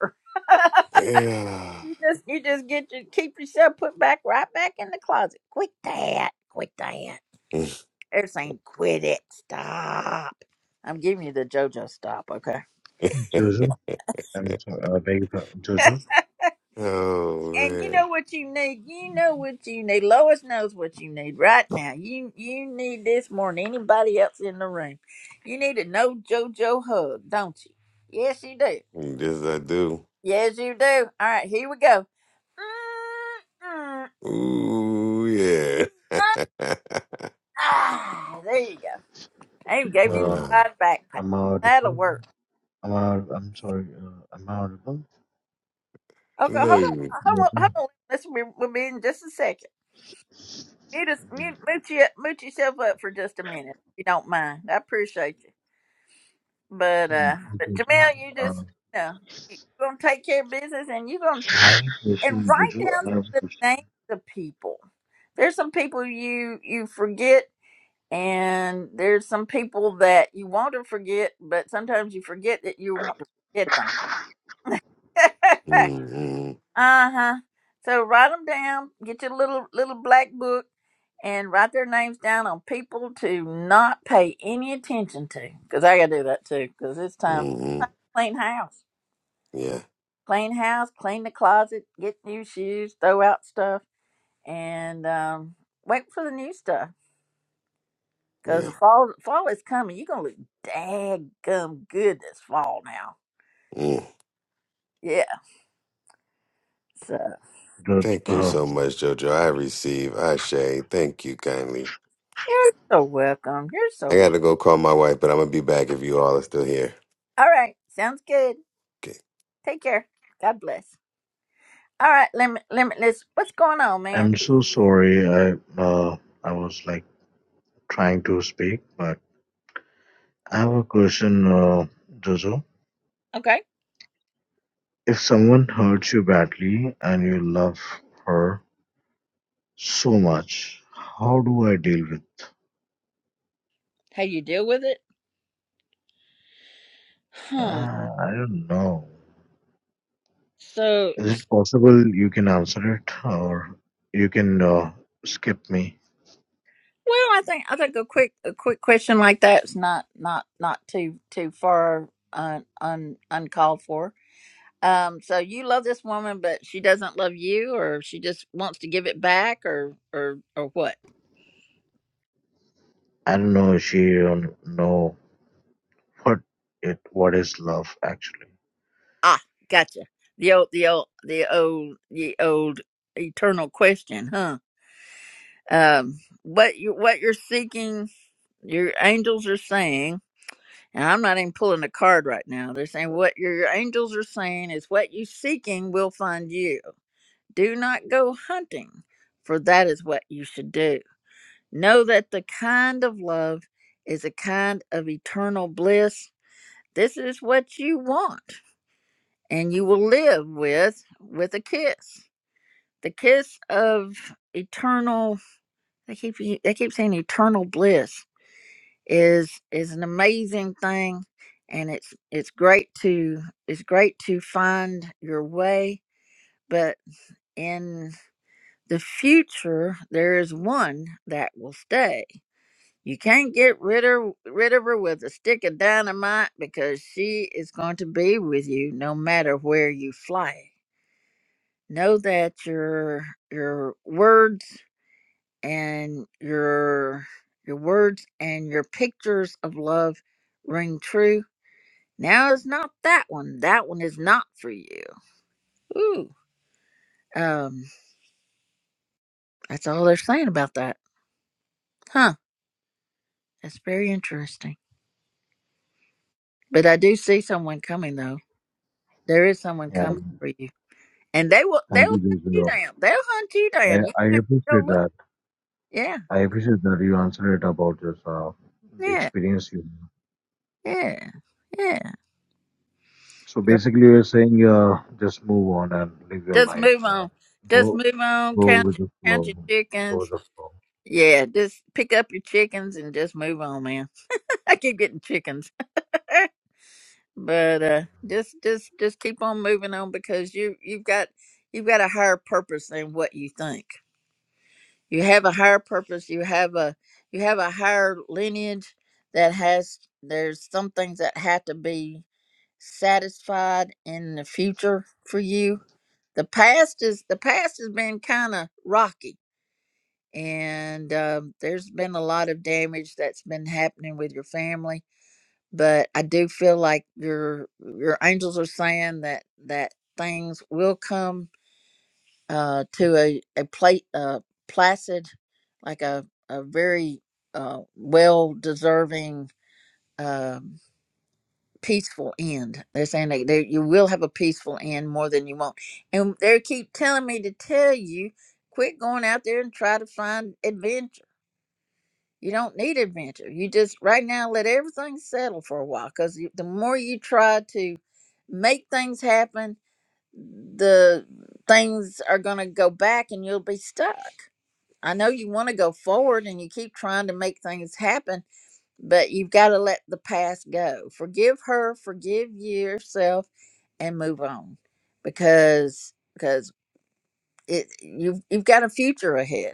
either. (laughs) you just you just get your keep yourself put back right back in the closet. Quit that, quit that.
(laughs)
They're saying quit it, stop. I'm giving you the JoJo stop, okay?
Jojo. I'm sorry. Uh, beg your pardon. Jojo.
oh
And you
man.
know what you need. You know what you need. Lois knows what you need right now. You you need this more than anybody else in the room. You need a no JoJo hug, don't you? Yes, you do.
Yes, I do.
Yes, you do. All right, here we go. Mm-mm.
Ooh, yeah. (laughs)
Ah, there you go. I even
(sighs)
gave you the
Uh,
no,
side backpack.
I'm
That'll
audible.
work.
I'm, aud- I'm sorry. Uh, I'm audible.
Okay, hold on.
you.
Hold on. Hold
Jojo,
on. Listen, we- we'll be in just a second. Mute, us, mute, mute, you, mute yourself up for just a minute, if you don't mind. I appreciate you. But
mm,
uh, but
Jojo,
Jamel, you just
uh,
you know, you're gonna take care of business, and you're gonna
I have a
and
question,
write
Jojo.
down
I have a
the
question.
names of people. There's some people you you forget, and there's some people that you want to forget, but sometimes you forget that you want to forget them. (laughs) uh
Mm-mm,
huh. So write them down. Get your little little black book and write their names down on people to not pay any attention to. Because I gotta do that too. Because it's time to
mm-mm.
clean house.
Yeah,
clean house, clean the closet, get new shoes, throw out stuff, and um, wait for the new stuff. Cause
yeah.
the fall fall is coming. You're gonna look daggum good this fall now. Yeah. So
Jojo,
Thank you
uh,
so much, Jojo. I receive. Ashe. Thank you kindly.
you're so welcome. You're so
I got
wel-
to go call my wife, but I'm going to be back if you all are still here.
All right. Sounds good.
Okay.
Take care. God bless. All right, limit limitless. What's going on, man?
I'm so sorry. I uh, I was like trying to speak, but I have a question, uh, Jojo.
Okay.
If someone hurts you badly and you love her so much, how do I deal with?
How you deal with it? Hmm.
Uh, I don't know.
So
Is it possible you can answer it, or you can uh, skip me?
Well, I think I think a quick a quick question like that's not not not too too far un, un uncalled for. Um, so you love this woman, but she doesn't love you, or she just wants to give it back, or or or what?
I don't know if she don't know what it what is love actually.
Ah, gotcha. The old the old the old the old eternal question, huh? Um, what you what you're seeking, your angels are saying. And I'm not even pulling a card right now. They're saying what your angels are saying is what you seeking will find you. Do not go hunting, for that is what you should do. Know that the kind of love is a kind of eternal bliss. This is what you want, and you will live with with a kiss. The kiss of eternal. They keep they keep saying eternal bliss. is is an amazing thing and it's it's great to it's great to find your way but in the future there is one that will stay you can't get rid of rid of her with a stick of dynamite because she is going to be with you no matter where you fly know that your your words and your your words and your pictures of love ring true Now it's not that one. That one is not for you. Ooh. Um, that's all they're saying about that. Huh. That's very interesting. But I do see someone coming though. There is someone
Yeah.
coming for you. And they will they'll
Thank you,
hunt you
Jojo.
down. They'll hunt you down. You
I, I
go
appreciate
look
that.
Yeah.
I appreciate that you answered it about this, uh, the
Yeah.
experience you
Yeah. Yeah.
So basically, you're saying uh, just move on and live your
Just
life.
move
Uh,
on. Just
go
move on.
go
Count
with the
count
flow.
your
Go with
chickens.
the flow.
Yeah, just pick up your chickens and just move on, man. (laughs) I keep getting chickens. (laughs) but uh just just just keep on moving on because you you've got you've got a higher purpose than what you think you have a higher purpose you have a you have a higher lineage that has there's some things that have to be satisfied in the future for you the past is the past has been kind of rocky and um, there's been a lot of damage that's been happening with your family but I do feel like your your angels are saying that that things will come uh, to a a plate uh, placid, like a a very uh, well deserving um, peaceful end. They're saying that there, you will have a peaceful end more than you want, and they keep telling me to tell you, quit going out there and try to find adventure you don't need adventure. You just right now let everything settle for a while because the more you try to make things happen, the things are going to go back and you'll be stuck. I know you want to go forward and you keep trying to make things happen, but you've got to let the past go. Forgive her, forgive yourself, and move on because because it you've you've got a future ahead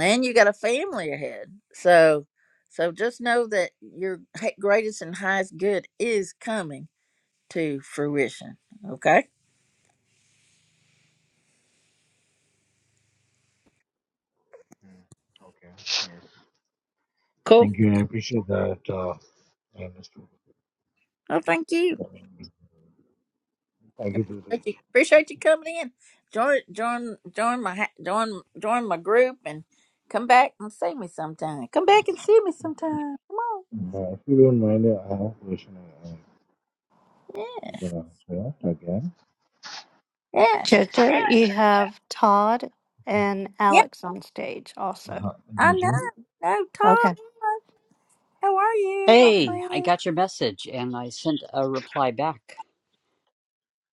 and you got a family ahead. So, so just know that your hi- greatest and highest good is coming to fruition. Okay,
Hmm. Okay. Yes.
cool.
Thank you. I appreciate that. Uh, I understood.
Well, thank you.
I mean, Thank you, Jojo.
Appreciate you, appreciate you coming in. Join, join, join my, ha- join, join my group, and come back and see me sometime. Come back and see me sometime. Come on,
Uh, if you don't mind, I have a question. Uh, if
yeah,
you can answer it again.
yeah,
Jojo, you have Todd and
yeah.
Alex on stage also.
I know.
Uh-huh.
No talk.
Okay.
How are you, my
Hey, I
friend?
got your message and I sent a reply back.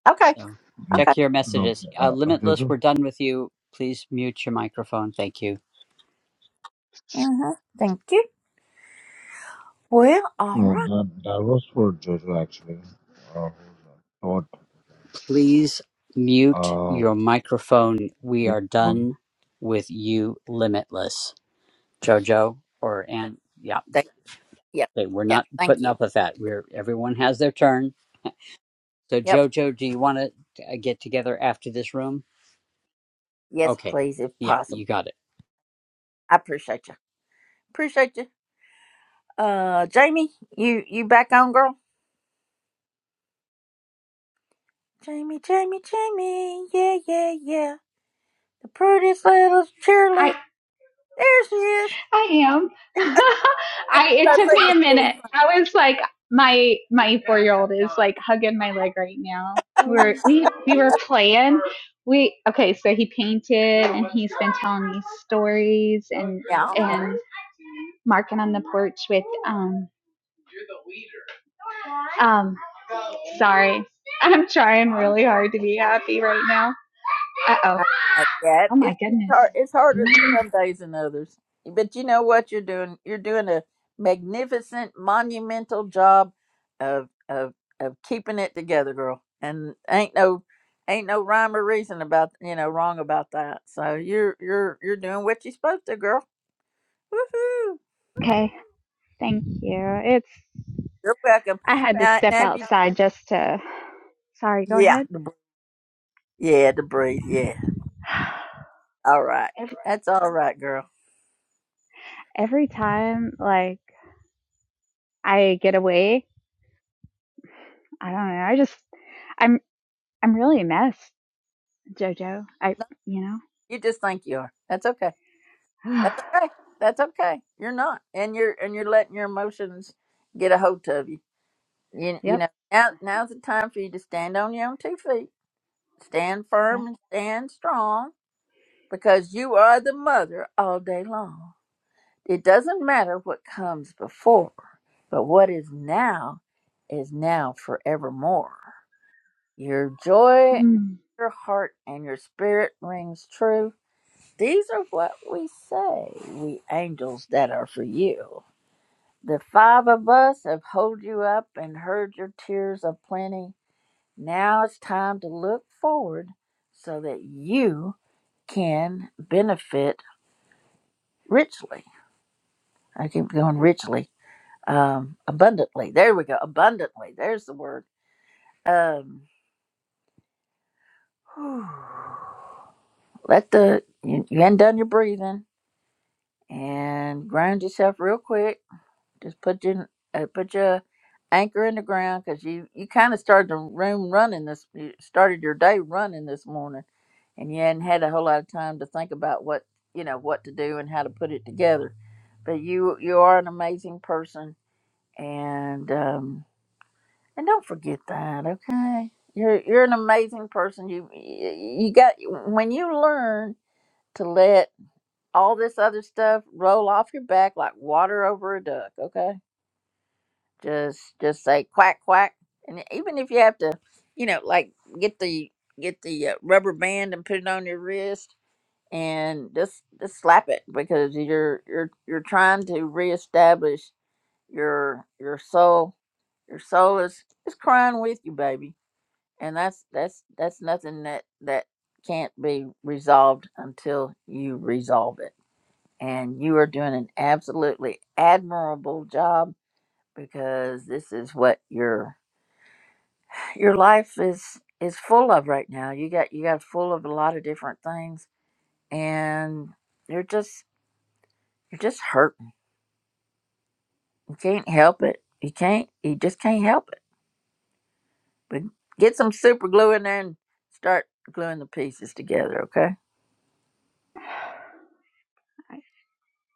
Okay,
So
Like,
okay.
check your
No,
messages. Uh,
uh, uh,
Limitless,
Jojo.
we're done with you. Please mute your microphone. Thank you.
Uh huh. Thank you. Well, all
No,
right.
that that was for Jojo actually. Uh, who's, uh, thought.
Please mute
Uh,
your microphone. We
yeah,
are
well,
done with you, Limitless. Jojo or and yeah,
Yep.
okay, we're
Yep.
not
Thank
putting
you.
up with that. We're everyone has their turn. So
Yep.
Jojo, do you want to uh, get together after this room?
Yes,
Okay,
please, if
yeah,
possible.
you got it.
I appreciate you. Appreciate you. Uh, Jamie, you you back on, girl? Jamie, Jamie, Jamie. Yeah, yeah, yeah. The prettiest little
I
cheerleader. There she is.
I am. (laughs) I it
That
took
thing
me
is
a
so
minute.
funny,
I was like my my four year old is like hugging my leg right now. We're we we were playing. We okay, so he painted and he's been telling me stories and
y'all.
and marking on the porch with um You're the leader. Um, sorry. I'm trying really hard to be happy right now. Uh oh.
that.
Oh my
It's it's
goodness.
hard. It's harder some days than others. But you know what you're doing. You're doing a magnificent, monumental job of of of keeping it together, girl. And ain't no ain't no rhyme or reason about you know wrong about that. So you're you're you're doing what you're supposed to, girl. Woohoo!
Okay. Thank you. It's,
You're welcome.
I had to
Now
step
now if you
outside just to, sorry, go
yeah
ahead.
to breathe. yeah to breathe yeah
(sighs)
all right
Every,
that's all right, girl.
every time, like, I get away, I don't know. I just, I'm, I'm really a mess, JoJo. I,
No,
you
you just think you are. That's okay.
know,
That's okay. That's okay. You're not, and you're and you're letting your emotions get a hold of you. You
(sighs)
you
yep,
know now now's the time for you to stand on your own two feet, stand
yep.
firm and stand strong, because you are the mother all day long. It doesn't matter what comes before, but what is now is now forevermore. Your joy,
Mm.
your heart, and your spirit rings true. These are what we say, we angels that are for you. The five of us have held you up and heard your tears of plenty. Now it's time to look forward so that you can benefit richly. I keep going richly, um, abundantly. There we go, abundantly. There's the word. Um, whew. let the you, you hadn't done your breathing and ground yourself real quick Just put your uh, put your anchor in the ground because you you kind of started the room running this. You started your day running this morning, and you hadn't had a whole lot of time to think about what you know what to do and how to put it together. But you you are an amazing person, and um, and don't forget that. Okay, you're you're an amazing person. You you got when you learn to let all this other stuff roll off your back like water over a duck. Okay just just say quack quack and even if you have to you know like get the get the uh, rubber band and put it on your wrist and just just slap it because you're you're you're trying to reestablish your your soul your soul is is crying with you baby and that's that's that's nothing that that can't be resolved until you resolve it and you are doing an absolutely admirable job because this is what you're your life is is full of right now. You got you got full of a lot of different things, and you're just you're just hurting. You can't help it. You can't. You just can't help it. But get some super glue in there and start gluing the pieces together. Okay,
(sighs)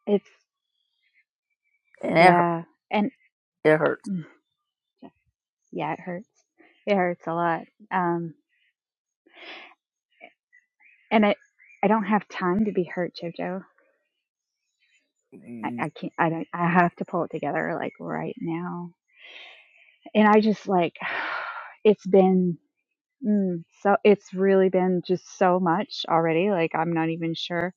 It's,
and it hurt-
yeah. And,
it hurts.
mm. yeah, it hurts. It hurts a lot. Um, and I, I don't have time to be hurt, Jojo. I,
Mm,
I can't. I don't. I have to pull it together like right now. And I just like, (sighs) it's been mm, so. It's really been just so much already. Like I'm not even sure.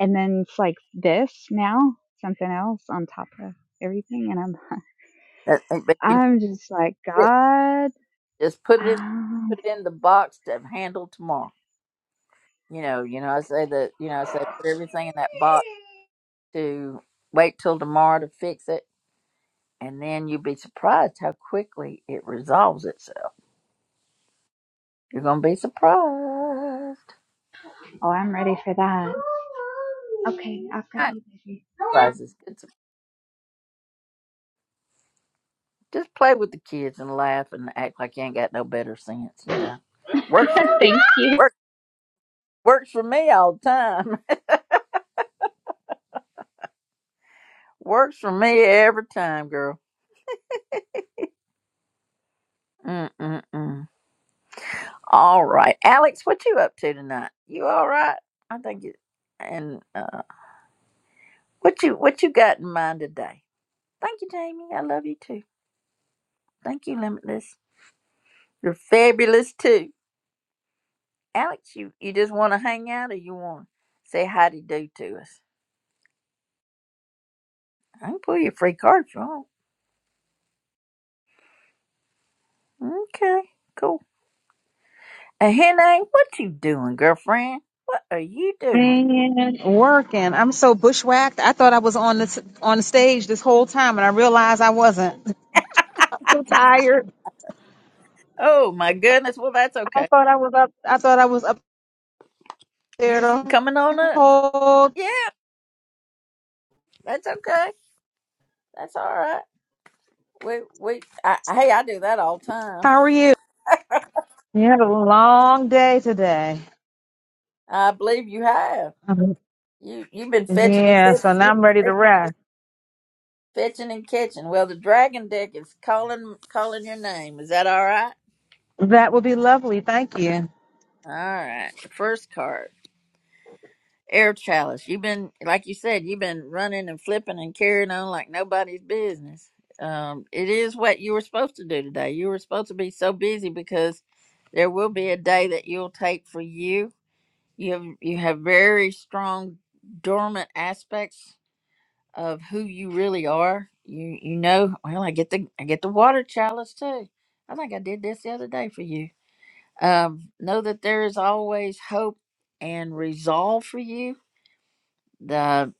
And then it's like this now, something else on top of everything, and
that- that- But
I'm,
you know,
I'm just like
it-
God.
just put it in
Um,
put it in the box to handle tomorrow. You know, you know. I say that. You know, I say put everything in that box to wait till tomorrow to fix it and then you'd be surprised how quickly it resolves itself. You're gonna be surprised.
Oh, I'm ready for that. (laughs) Okay, I've got
Not
you, baby.
surprises. It's, just play with the kids and laugh and act like you ain't got no better sense. You know, works
(laughs)
for me.
Thank you.
Work, works for me all the time. (laughs) works for me every time, girl. Mm mm mm. All right, Alex, what you up to tonight? You all right? I think it. And uh, what you what you got in mind today? Thank you, Jamie. I love you too. Thank you, Limitless. You're fabulous too. Alex, you, you just want to hang out or you want to say hi to do to us? I can pull you free card if you want. Okay, cool. And Henny, what you doing, girlfriend? What are you doing?
Man, working. I'm so bushwhacked. I thought I was on this on the stage this whole time, and I realized I wasn't. (laughs) I'm so tired.
Oh my goodness. Well, that's
I
okay.
thought I was up. I thought I was up
You
there
was
the
coming on up?
whole.
Yeah, that's okay. That's all right. We we I, hey, I do that all the time.
How are you? You had a long day today.
I believe you have.
Um,
You you've been fetching and
Yeah, so
catching.
now
You've
I'm
been
ready to
fetch-
rest.
fetching and catching. Well, the dragon deck is calling calling your name. Is that all right?
That would be lovely. Thank you.
All right. First card. Air Chalice. You've been like you said, you've been running and flipping and carrying on like nobody's business. Um, it is what you were supposed to do today. You were supposed to be so busy because there will be a day that you'll take for you. You have you have very strong dormant aspects of who you really are. You you know, well I get the I get the water chalice too. I think I did this the other day for you um, know that there is always hope and resolve for you. The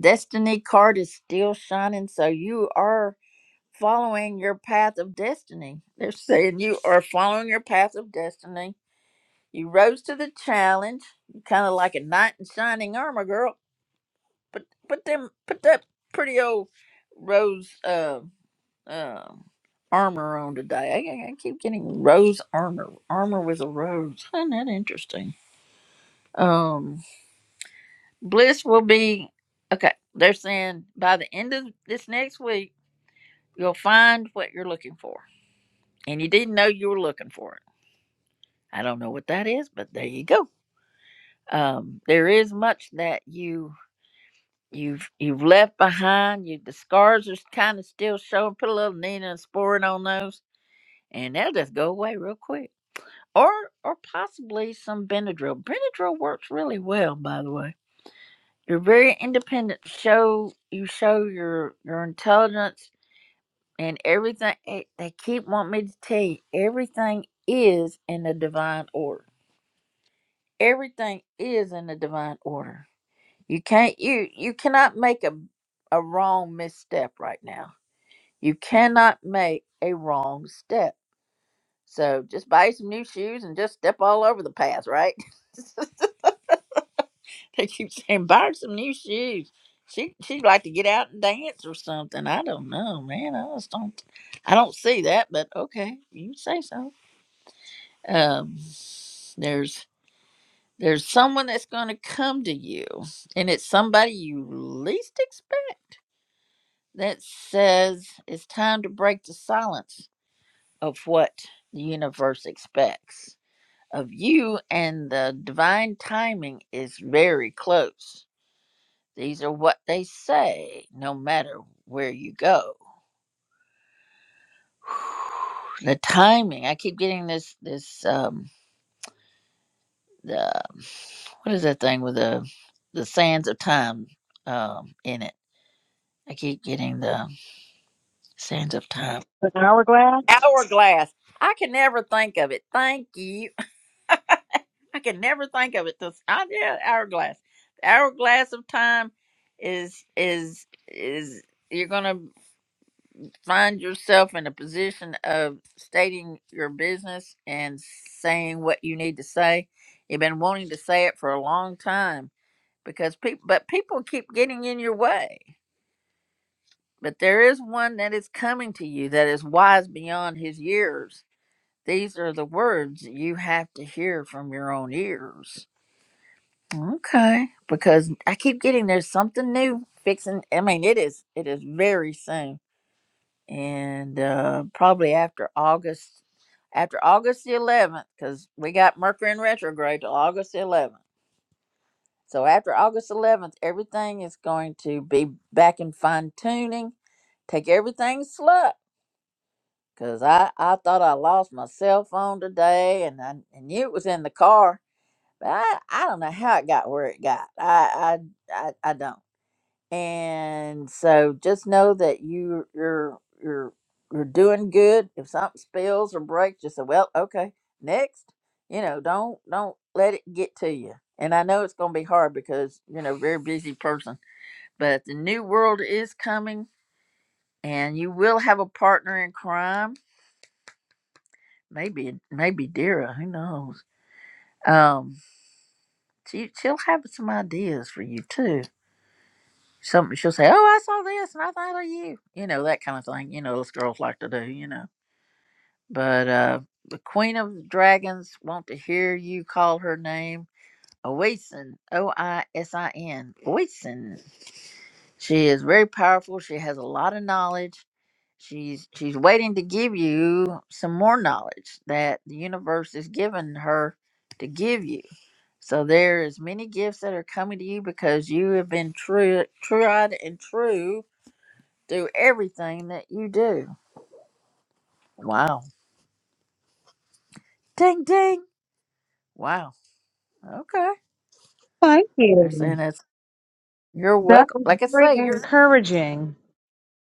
destiny card is still shining, so you are following your path of destiny. They're saying you are following your path of destiny. You rose to the challenge. You're kind of like a knight in shining armor, girl. But put them, put that pretty old rose uh, uh, armor on today. I, I I keep getting rose armor. Armor with a rose. Isn't that interesting? Um, Bliss will be okay. They're saying by the end of this next week, you'll find what you're looking for, and you didn't know you were looking for it. I don't know what that is, but there you go. Um, there is much that you you've you've left behind. You the scars are kind of still showing. Put a little Nina and Sporin on those, and they'll just go away real quick. Or or possibly some Benadryl. Benadryl works really well, by the way You're very independent. Show you show your your intelligence and everything. eh, They keep wanting me to tell you everything is in the divine order. Everything is in the divine order. You can't you you cannot make a a wrong misstep right now. You cannot make a wrong step. So just buy some new shoes and just step all over the path, right? (laughs) (laughs) They keep saying, buy her some new shoes. She she'd like to get out and dance or something. I don't know, man. I just don't I don't see that, but okay, you say so. Um there's there's someone that's gonna come to you and it's somebody you least expect that says it's time to break the silence of what the universe expects of you and the divine timing is very close These are what they say, no matter where you go. (sighs) The timing. I keep getting this this um the what is that thing with the the sands of time um in it. I keep getting the sands of time
An hourglass.
hourglass. I can never think of it. Thank you. (laughs) I can never think of it. This I yeah, hourglass. The hourglass of time is is is you're gonna. find yourself in a position of stating your business and saying what you need to say. You've been wanting to say it for a long time because people, but people keep getting in your way. But there is one that is coming to you that is wise beyond his years. These are the words you have to hear from your own ears. Okay, because I keep getting there's something new fixing. I mean, it is it is very soon and uh, probably after August, after August the 11th, because we got Mercury in retrograde till August the 11th. So after August 11th, everything is going to be back in fine tuning. Take everything slow, because I, I thought I lost my cell phone today, and I, I knew it was in the car, but I, I don't know how it got where it got. I I I, I don't. and so just know that you you're you're you're doing good if something spills or breaks just say well okay next you know don't don't let it get to you and i know it's going to be hard because you know very busy person but the new world is coming and you will have a partner in crime maybe maybe dira who knows um she, she'll have some ideas for you too Something she'll say, "Oh, I saw this and I thought of you," you know that kind of thing. You know, those girls like to do, you know. But uh, the Queen of Dragons want to hear you call her name, Oisin, O I S I N, Oisin. She is very powerful. She has a lot of knowledge. She's she's waiting to give you some more knowledge that the universe is giving her to give you. So there is many gifts that are coming to you because you have been true, tried and true do everything that you do. Wow. Ding ding. Wow. Okay.
Thank
They're saying
you.
that's you're
That
welcome.
was
Like I
very
say, you're
encouraging.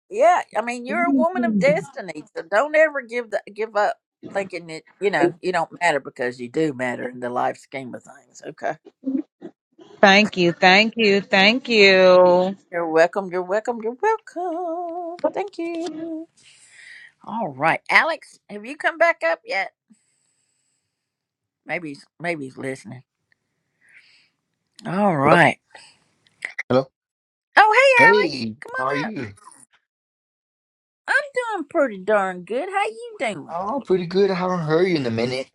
yeah, I mean you're a
Thank
woman of
you.
destiny. So don't ever give the, give up thinking that, you know, you don't matter because you do matter in the life scheme of things. Okay.
Thank you. Thank you.
You're welcome. You're welcome. You're welcome. Thank you. All right. Alex, have you come back up yet? Maybe he's maybe he's listening. All
Hello?
right.
Hello?
Oh hey Alex.
Hey,
Come
how
on
are
up.
you?
I'm doing pretty darn good. How you doing?
Oh, pretty good. I haven't heard you in a minute.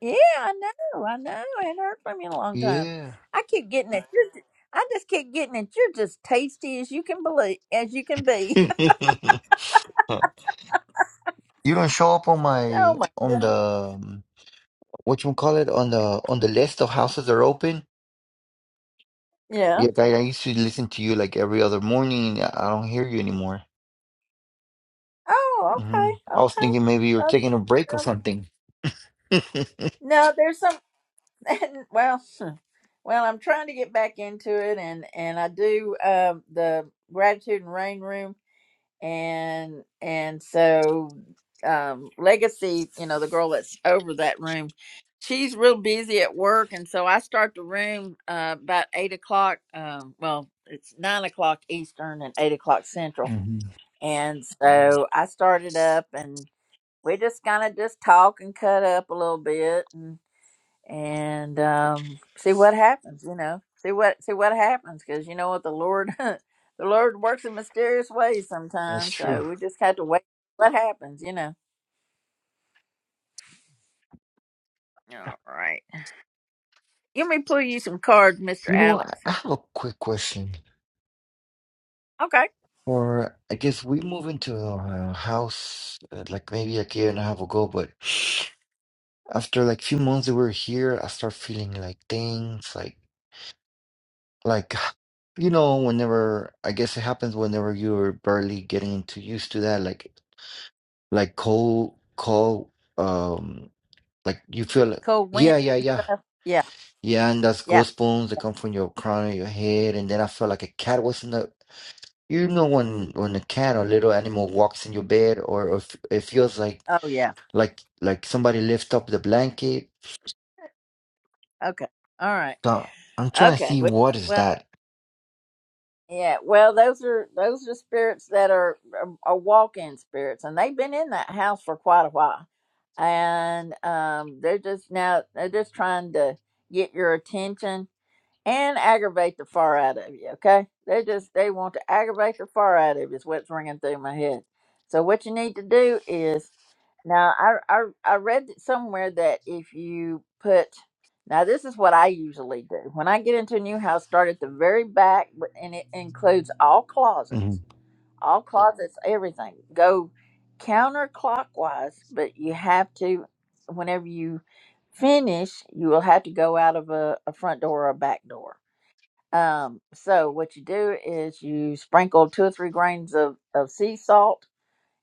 Yeah, I know, I know. I hadn't heard from you in a long time.
Yeah.
I keep getting it. you're ju- I just keep getting it. You're just tasty as you can believe as you can
(laughs)
be.
You don't show up on
(laughs) oh
my
my
on
goodness.
the um, what you call it on the on the list of houses that are open.
Yeah.
Yeah, I, I used to listen to you like every other morning. I I don't hear you anymore.
Oh,
hmm
okay,
I was
okay.
thinking maybe you were
Well,
taking a break or
well,
something. (laughs)
no, there's some (laughs) And, well (laughs) well I'm trying to get back into it and and I do um the gratitude and rain room and and so um legacy you know the girl that's over that room she's real busy at work and so i start the room uh about eight o'clock um well it's nine o'clock eastern and eight o'clock central
hmm
and so i started up and we just kind of just talk and cut up a little bit and um, see what happens. You know, see what see what happens because you know what the Lord, (laughs) the Lord works in mysterious ways
That's
sometimes.
true.
So we just have to wait. What happens? You know. All right. Let me pull you some cards, Mister
You know, I
Alex.
I have a quick question.
Okay.
Or I guess we moved into a house uh, like maybe a year and a half ago, but (sniffs) after like few months that we were here, I start feeling like things like like (sighs) you know whenever I guess it happens whenever you're barely getting too used to that like like cold cold um like you feel like
Cold wind.
yeah yeah yeah
Yeah.
yeah and that's
Yeah.
goosebumps that come from your crown of your head and then I felt like a cat was in the You know when when a cat or little animal walks in your bed or if it feels like
Oh yeah.
like like somebody lift up the blanket.
Okay. All right.
So I'm trying to
Okay.
see
Well.
what is
well,
that.
Yeah, well, those are those are spirits that are are, are walk-in spirits, and they've been in that house for quite a while, and um, they're just now they're just trying to get your attention and aggravate the far out of you. Okay, they just they want to aggravate the far out of you. Is what's ringing through my head. So what you need to do is now I I I read it somewhere that if you put now this is what I usually do when I get into a new house. Start at the very back, but and it includes all
hmm
closets, all Mhm. closets, everything. Go counterclockwise, but you have to whenever you finish, you will have to go out of a, a front door or a back door um, so what you do is you sprinkle two or three grains of, of sea salt,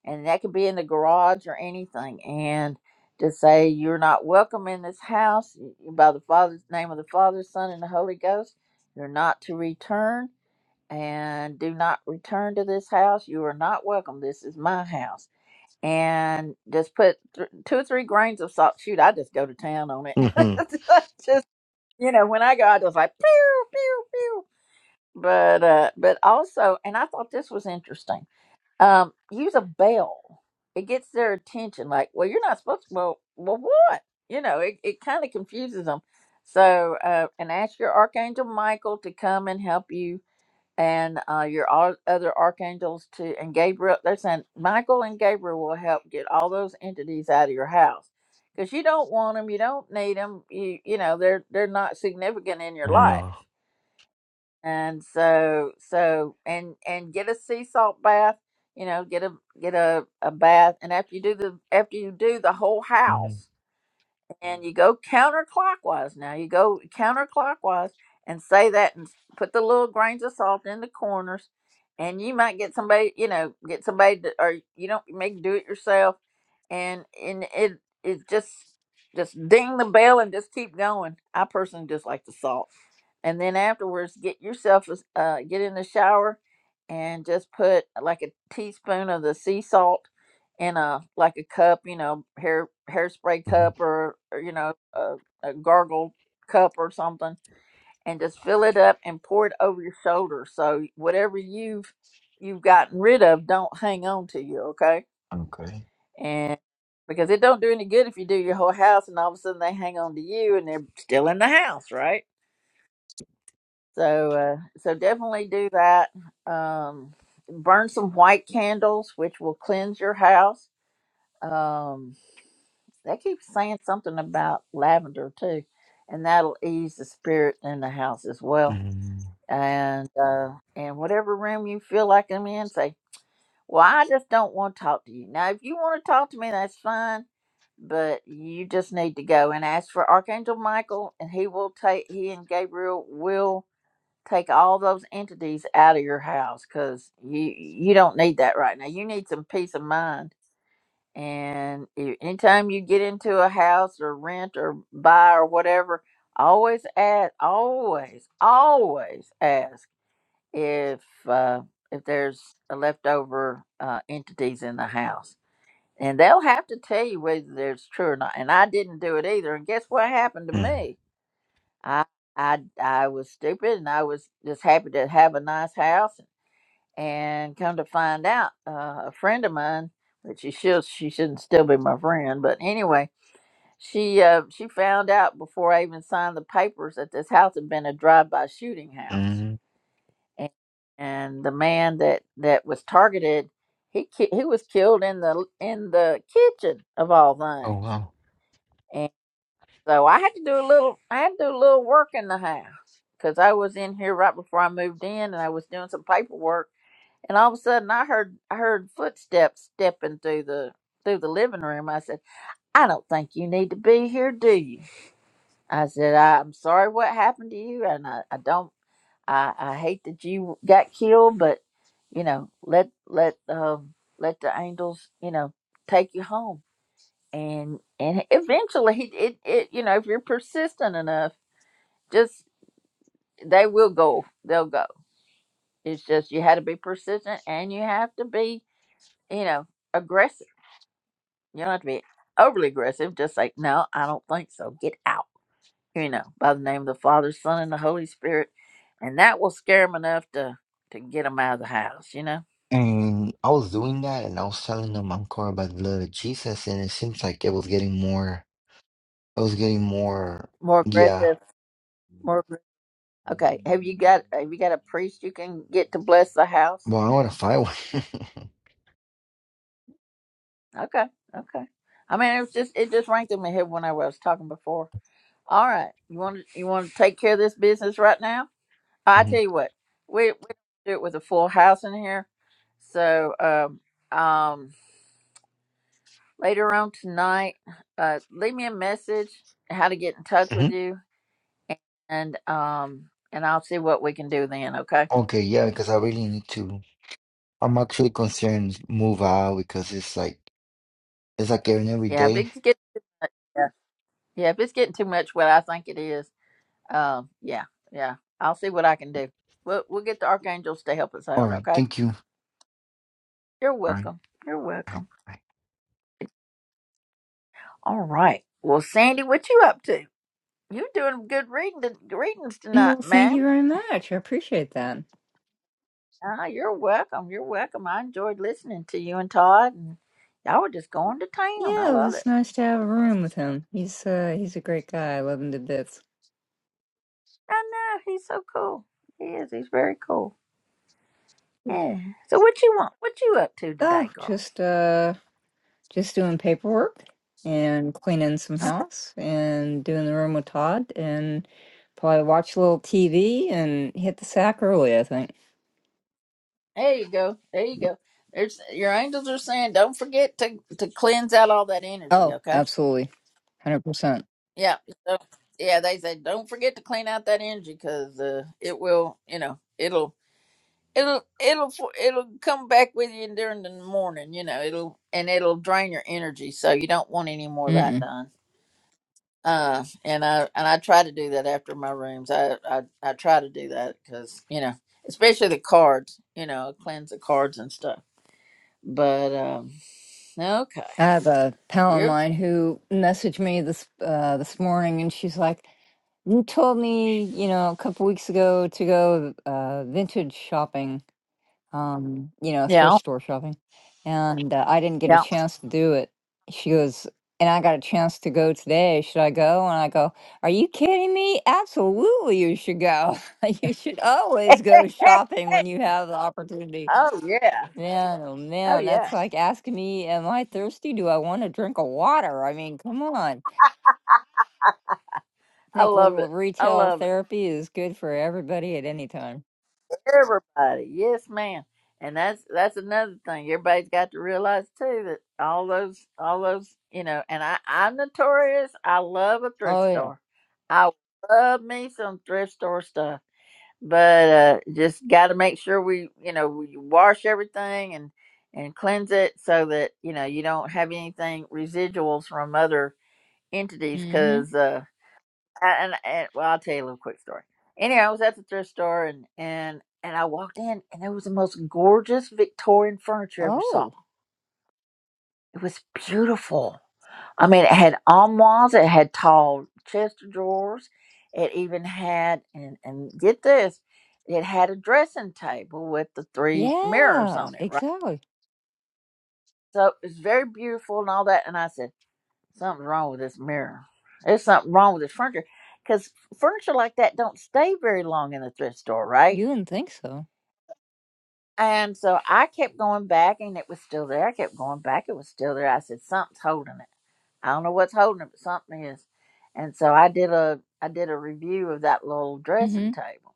and that could be in the garage or anything. And to say you're not welcome in this house by the Father's name of the Father, Son, and the Holy Ghost, you're not to return and do not return to this house. You are not welcome. This is my house. And just put th- two or three grains of salt. Shoot, I just go to town on it.
hmm
(laughs) just you know, when I go, I just like pew pew pew but uh but also and i thought this was interesting um use a bell it gets their attention like well you're not supposed to well well what you know it, it kind of confuses them so uh and ask your archangel michael to come and help you and uh your all other archangels to and gabriel they're saying michael and gabriel will help get all those entities out of your house because you don't want them you don't need them you you know they're they're not significant in your
No.
life and so so and and get a sea salt bath you know get a get a, a bath and after you do the after you do the whole
hmm
house and you go counterclockwise now you go counterclockwise and say that and s- put the little grains of salt in the corners and you might get somebody you know get somebody to, or you don't make do it yourself and and it it just just ding the bell and just keep going i personally just like the salt and then afterwards get yourself a s- uh, get in the shower and just put like a teaspoon of the sea salt in a like a cup, you know, hair hairspray
hmm
cup or, or you know a, a gargle cup or something, and just fill it up and pour it over your shoulder. So whatever you've you've gotten rid of, don't hang on to you, okay?
Okay.
And because it don't do any good if you do your whole house and all of a sudden they hang on to you and they're still in the house, right? So uh, so definitely do that. Um, burn some white candles, which will cleanse your house. Um, They keep saying something about lavender too, and that'll ease the spirit in the house as well.
hmm
And uh, and whatever room you feel like I'm in, say, "Well, I just don't want to talk to you." Now, if you want to talk to me, that's fine, but you just need to go and ask for Archangel Michael, and he will take he and Gabriel will take all those entities out of your house because you you don't need that right now. You need some peace of mind and i- anytime you get into a house or rent or buy or whatever, always ask, always, always ask if uh, if there's a leftover uh, entities in the house, and they'll have to tell you whether there's true or not. And I didn't do it either. And guess what happened to me? I I I was stupid, and I was just happy to have a nice house, and come to find out, uh, a friend of mine, which she should she shouldn't still be my friend, but anyway, she uh, she found out before I even signed the papers that this house had been a drive-by shooting house,
hmm
and, and the man that that was targeted, he ki- he was killed in the in the kitchen of all
Oh
things,
wow.
and so I had to do a little I had to do a little work in the house because I was in here right before I moved in, and I was doing some paperwork and all of a sudden I heard I heard footsteps stepping through the through the living room. I said, I don't think you need to be here, do you? I said, I'm sorry what happened to you and I, I don't I, I hate that you got killed, but you know, let let um let the angels, you know, take you home. And and eventually he it, it you know, if you're persistent enough, just they will go. They'll go. It's just you had to be persistent and you have to be, you know, aggressive You don't have to be overly aggressive. Just like, no, I don't think so. Get out. You know, by the name of the Father, Son, and the Holy Spirit, and that will scare them enough to to get them out of the house. You know,
And I was doing that and I was telling them encore about the blood of Jesus and it seems like it was getting more it was getting more
more
yeah.
aggressive, more. aggr- Okay, have you got have you got a priest you can get to bless the house?
Well I wanna find one.
Okay, okay. I mean, it was just it just rang through my head when I was talking before. All right, you want to you want to take care of this business right now?
(laughs)
I
hmm
tell you what, we we do it with a full house in here, so um um later on tonight. Uh, leave me a message how to get in touch with
hmm
you, and um, and I'll see what we can do then. Okay?
Okay, yeah, because I really need to. I'm actually concerned move out because it's like it's like every every
Yeah, if
day.
it's getting too much, yeah, yeah, if it's getting too much, what I think it is, um, yeah, yeah, I'll see what I can do. We'll we'll get the archangels to help us
All
out.
right,
Okay?
thank you.
You're
All right.
welcome. You're welcome.
bye.
All right. Well, Sandy, what you up to? You doing good reading readings tonight,
Well, thank
ma'am?
you very much. I appreciate that.
Ah, you're welcome. You're welcome. I enjoyed listening to you and Todd, and y'all were just going to town. I
Yeah, it
love
was
it.
nice to have a room with him. He's uh he's a great guy. I love him to bits.
I know he's so cool. He is. He's very cool. Yeah. So what you want? What you up to today,
Oh,
girl?
just uh just doing paperwork and cleaning some house and doing the room with Todd and probably watch a little TV and hit the sack early, I think.
There you go. There you go. There's your angels are saying, don't forget to to cleanse out all that energy.
Oh,
Okay.
absolutely. 100%.
Yeah. So yeah, they say don't forget to clean out that energy because uh, it will. You know, it'll it'll it'll fo- it'll come back with you during the morning you know it'll and it'll drain your energy so you don't want any more of that
Mm-mm.
done uh and i and i try to do that after my rooms i i, I try to do that because you know especially the cards you know cleanse the cards and stuff but um okay
I have a pal of
you're
mine who messaged me this uh this morning and she's like You told me, you know, a couple weeks ago to go uh, vintage shopping, um, you know,
yeah
thrift store shopping, and uh, I didn't get a
yeah
chance to do it. She goes, and I got a chance to go today. Should I go? And I go, Are you kidding me? Absolutely, you should go. (laughs) You should always go shopping when you have the opportunity.
oh yeah
Man, oh
oh
man, that's
yeah
like asking me, Am I thirsty? Do I want a drink of water? I mean, come on.
i
think a
love
little
it i
retail
love it
therapy is good for everybody at any time.
Everybody, yes, ma'am. And that's that's another thing everybody's got to realize too that all those all those you know. And I I'm notorious. I love a thrift
Oh yeah.
store. I love me some thrift store stuff, but uh, just got to make sure we you know we wash everything and and cleanse it so that you know you don't have anything residuals from other entities
Mm-hmm.
because and, and well, I'll tell you a little quick story. Anyway, I was at the thrift store and and and I walked in and it was the most gorgeous Victorian furniture I ever saw.
Oh
It was beautiful. I mean, it had armoires, it had tall chest of drawers, it even had and and get this, it had a dressing table with the three mirrors
yeah.
on it, right?
Exactly.
So it was very beautiful and all that. And I said. Something's wrong with this mirror. There's something wrong with this furniture because furniture like that don't stay very long in the thrift store, right?
You didn't think so.
And so I kept going back and it was still there. I kept going back, it was still there. I said, Something's holding it. I don't know what's holding it, but something is. And so I did a I did a review of that little dressing
Mm-hmm.
table.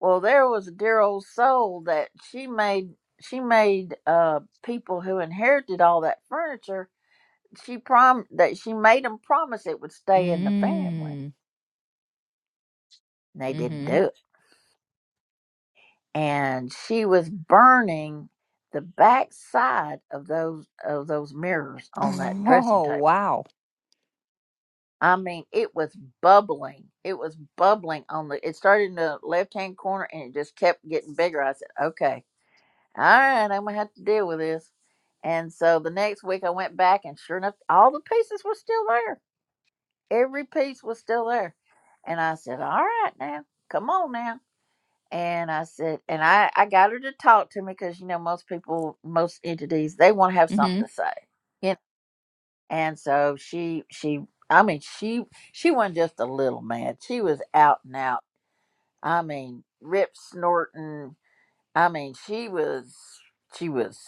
Well, there was a dear old soul that she made she made uh people who inherited all that furniture she prom that she made them promise it would stay in the family.
Mm.
And they didn't
Mm-hmm.
do it, and she was burning the back side of those of those mirrors
(laughs)
on that dressing
Oh
table.
wow.
I mean, it was bubbling. It was bubbling on the. It started in the left hand corner, and it just kept getting bigger. I said, "Okay, all right, I'm gonna have to deal with this." And so the next week, I went back, and sure enough, all the pieces were still there. every piece was still there. And I said, All right now, come on now. And I said, and I, I got her to talk to me because, you know, most people, most entities, they want to have something
Mm-hmm.
to say. You know? And so she, she, I mean, she, she wasn't just a little mad. She was out and out. I mean, rip snorting. I mean, she was, she was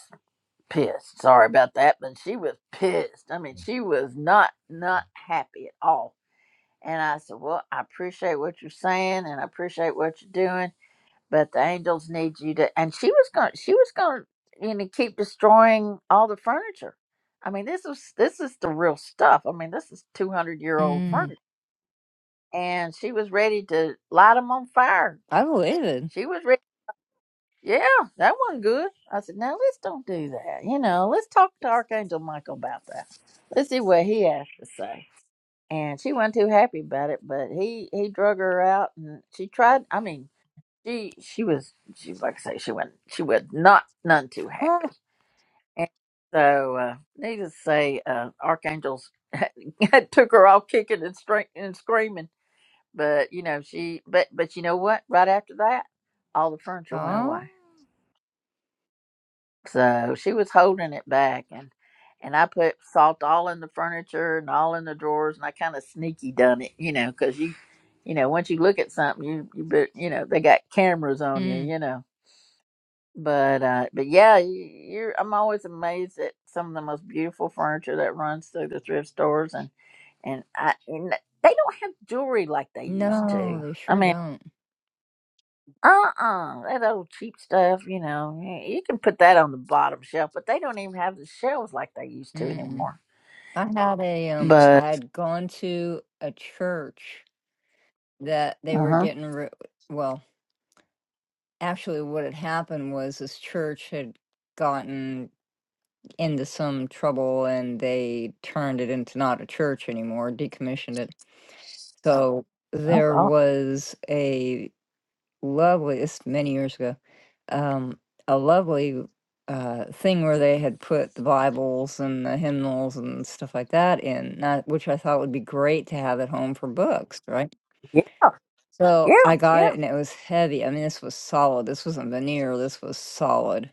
pissed. Sorry about that, but she was pissed. I mean, she was not, not happy at all and I said, Well, I appreciate what you're saying and I appreciate what you're doing, but the angels need you to and she was gonna she was gonna you know keep destroying all the furniture. I mean this was this is the real stuff. I mean this is two hundred year old
Mm.
furniture. And she was ready to light them on fire.
I believe it.
She was ready yeah, that wasn't good. I said, Now let's don't do that. You know, let's talk to Archangel Michael about that. Let's see what he has to say. and she wasn't too happy about it. But he he drug her out, and she tried. I mean, she she was she like I say she wasn't she was not none too
Huh.
happy. And so uh, needless to say, uh, archangels (laughs) took her all kicking and, stra- and screaming. But you know she but but you know what? Right after that, all the furniture went
Oh.
away. So she was holding it back and and I put salt all in the furniture and all in the drawers and I kind of sneaky done it, you know, because you you know, once you look at something, you you bet you know, they got cameras on you,
Mm.
you know. But uh but yeah, you, you're I'm always amazed at some of the most beautiful furniture that runs through the thrift stores and and I and they don't have jewelry like they used
No,
to.
they
I
sure
mean.
don't.
Uh-uh, that old cheap stuff, you know, y- you can put that on the bottom shelf, but they don't even have the shelves like they used to
Mm-mm.
anymore.
I had a um.
But
I had gone to a church that they were
uh-huh.
getting rid. Well. actually what had happened was this church had gotten into some trouble and they turned it into not a church anymore, decommissioned it. So
Oh
there
god.
was a lovely, this is many years ago, um, a lovely uh, thing where they had put the Bibles and the hymnals and stuff like that in, not, which I thought would be great to have at home for books, right?
Yeah, yeah,
So I got it
yeah.
and it was heavy. I mean, this was solid. This wasn't veneer. This was solid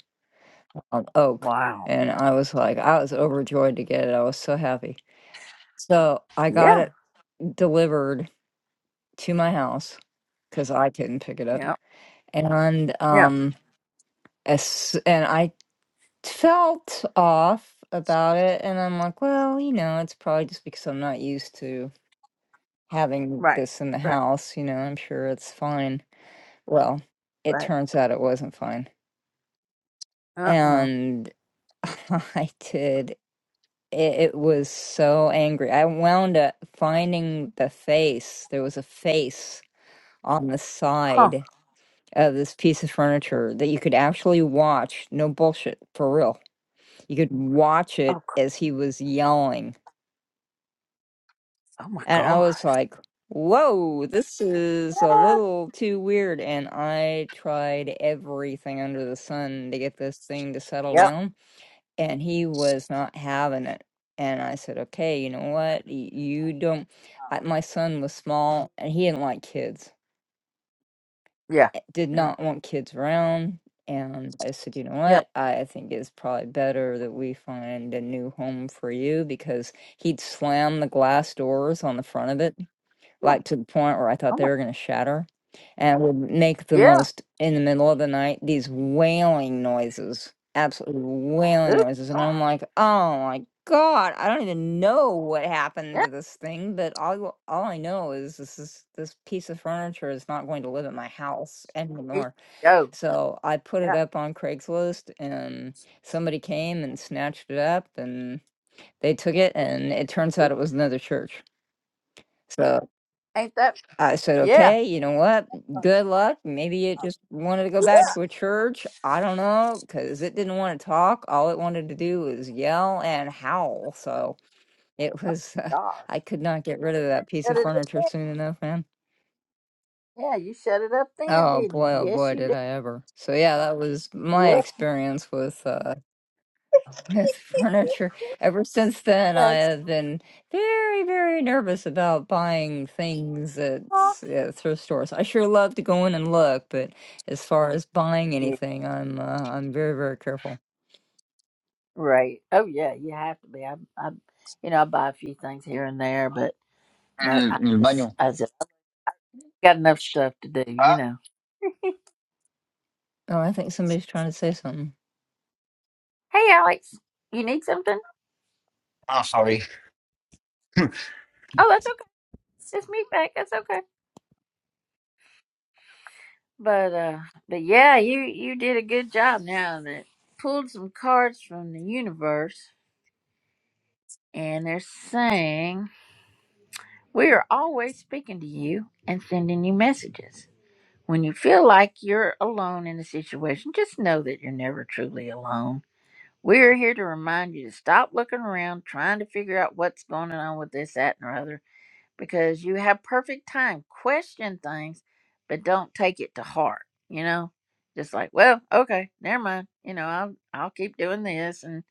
on oak.
Wow.
And I was like, I was overjoyed to get it. I was so happy. So I got
Yeah.
it delivered to my house because I couldn't pick it up.
Yeah.
And
Yeah.
um, as, and I felt off about it. And I'm like, well, you know, it's probably just because I'm not used to having
Right.
this in the
Right.
house. You know, I'm sure it's fine. Well, it
Right.
turns out it wasn't fine.
Uh-uh.
And (laughs) I did It, it was so angry. I wound up finding the face. There was a face on the
Huh.
side of this piece of
uh,
furniture that you could actually watch. No bullshit, for real. You could watch it
Oh, c-
as he was yelling.
oh my
And I was
gosh.
like, whoa, this is a
What?
little too weird. And I tried everything under the sun to get this thing to settle
Yep.
down and he was not having it. And I said, okay, you know what? Y- You don't. I, my son was small and he didn't like kids,
Yeah.
eh, did
Yeah.
not want kids around. And I said, you know
Yeah.
what? I think it's probably better that we find a new home for you because he'd slam the glass doors on the front of it
Oh my,
like to the point where I
oh
thought
my.
they were going to shatter and would make the
Yeah.
most in the middle of the night these wailing noises, absolutely wailing
Ooh,
noises. And
gosh.
I'm like, oh my God, I don't even know what happened
Yeah.
to this thing, but all, all I know is this is this piece of furniture is not going to live in my house
Here you
anymore.
go.
So I put it
Yeah.
up on Craigslist and somebody came and snatched it up and they took it and it turns out it was another church. So
Ain't that
I said,
yeah.
okay, you know what? Good luck. Maybe it
oh,
just wanted to go back
Yeah.
to a church. I don't know, because it didn't want to talk. All it wanted to do was yell and howl. So it was, uh,
Gosh.
I could not get rid of that piece of furniture soon enough, man.
Yeah, you shut it up then,
Oh
didn't
boy, oh
you? Yes,
boy,
you
did
did.
I ever. So yeah, that was my
Yep,
experience with uh, (laughs) with furniture. Ever since then, I
that's
have been very, very nervous about buying things at,
all.
s- at thrift stores. I sure love to go in and look, but as far as buying
Yeah,
anything, I'm uh, I'm very, very careful.
right. Oh yeah, you have to be. I, I, you know, I buy a few things here and there, but
En
no,
el,
I
en el
just,
baño.
I just I've got enough stuff to do. You
Ah,
know.
Oh, I think somebody's trying to say something.
Hey, Alex, you need something?
Oh, sorry.
Oh, that's okay. Just meet back. That's okay. But uh, but yeah, you you did a good job. Now that pulled some cards from the universe, and they're saying we are always speaking to you and sending you messages. When you feel like you're alone in a situation, just know that you're never truly alone. We're here to remind you to stop looking around, trying to figure out what's going on with this, that, and the other, because you have perfect time. Question things, but don't take it to heart. You know, just like, well, okay, never mind. You know, I'll I'll keep doing this, and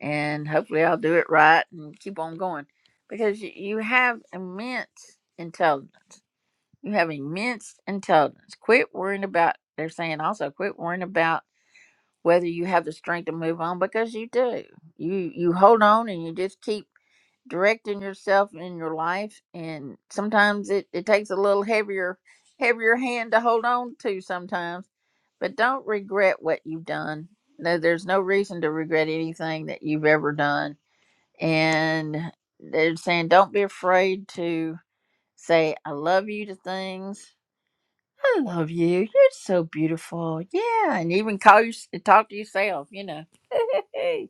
and hopefully I'll do it right, and keep on going, because you, you have immense intelligence you have immense intelligence. Quit worrying about, they're saying also, quit worrying about whether you have the strength to move on because you do. You you hold on and you just keep directing yourself in your life and sometimes it, it takes a little heavier heavier hand to hold on to sometimes but don't regret what you've done no there's no reason to regret anything that you've ever done and they're saying don't be afraid to say i love you to things I love you. You're so beautiful. Yeah, and even call you talk to yourself. You know. (laughs) hey,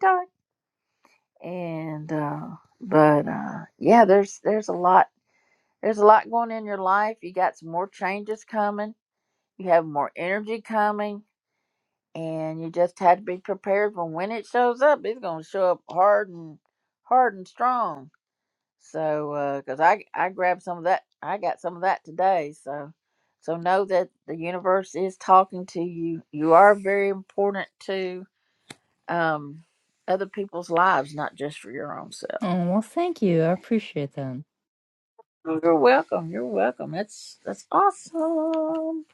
Todd. And uh, but uh, yeah, there's there's a lot there's a lot going in your life. You got some more changes coming. You have more energy coming, and you just have to be prepared for when it shows up. It's gonna show up hard and hard and strong So, uh 'cause I I grabbed some of that, I got some of that today. So, so know that the universe is talking to you. You are very important to um other people's lives, not just for your own self.
Oh, well, thank you. I appreciate that.
Oh, You're welcome. You're welcome. That's that's awesome.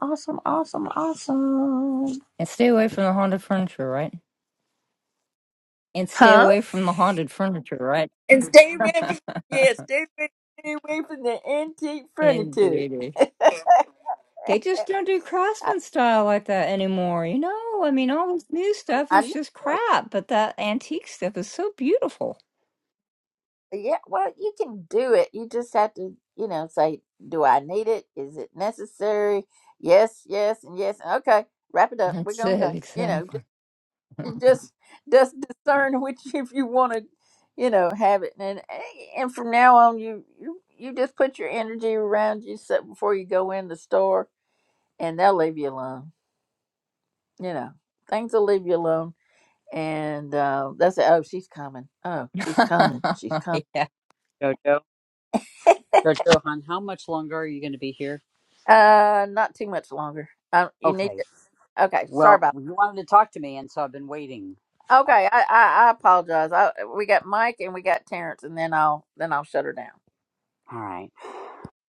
Awesome. Awesome. Awesome.
And stay away from the haunted furniture, right? And stay
Huh?
away from the haunted furniture, right?
And stay away from
(laughs)
yeah, stay away, stay away from the antique furniture.
Indeed.
(laughs)
They just don't do
I,
craftsman style like that anymore, you know? I mean, all this new stuff
I
is just
know.
crap, but that antique stuff is so beautiful.
Yeah, well, you can do it. You just have to, you know, say, do I need it? Is it necessary? Yes, yes, and yes. Okay, wrap it up. We're
That's
gonna
it,
go. You know,
exactly.
just just, just discern which if you want to, you know, have it. And and from now on, you you you just put your energy around you so before you go in the store, and they'll leave you alone. You know, things will leave you alone. And uh, that's it. Oh, she's coming. Oh, she's coming. She's coming
(laughs) yeah.
Jojo, Jojo, hon, how much longer are you going to be here?
Uh, not too much longer. Uh, you need
Okay.
to. Okay, sorry
Well,
about.
you wanted to talk to me, and so I've been waiting. I,
Okay, I, I I apologize. I we got Mike and we got Terrence, and then I'll then I'll shut her down.
all right.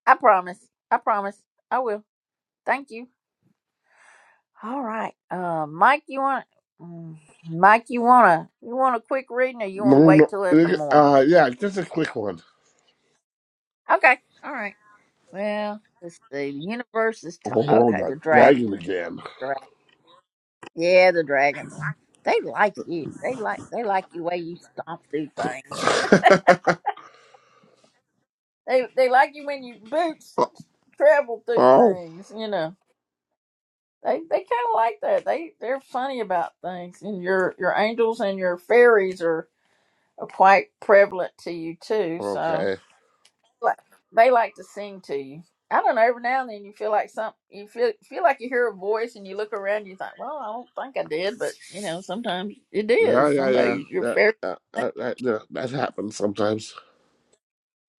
I promise. I promise. I will. Thank you. All right. Uh, Mike, you want mm, Mike, you wanna you want a quick reading, or you want to
Maroon,
wait till in the morning?
uh, yeah, just a quick one.
Okay. All right. Well, let's see. The universe is t-
Oh,
okay.
that
The dragon.
dragon again.
Dragon. Yeah, the dragons. They like you. They like they like the way you stomp through things.
(laughs)
They they like you when you boots travel through
oh,
things, you know. They they kind of like that. They they're funny about things, and your your angels and your fairies are, are quite prevalent to you too. So
okay.
like they like to sing to you. I don't know. Every now and then you feel like some you feel feel like you hear a voice, and you look around. And You think, well, I don't think I did, but you know, sometimes it
Yeah,
is
yeah, yeah.
somebody your
That,
fairy.
that, that, that, that that happens sometimes.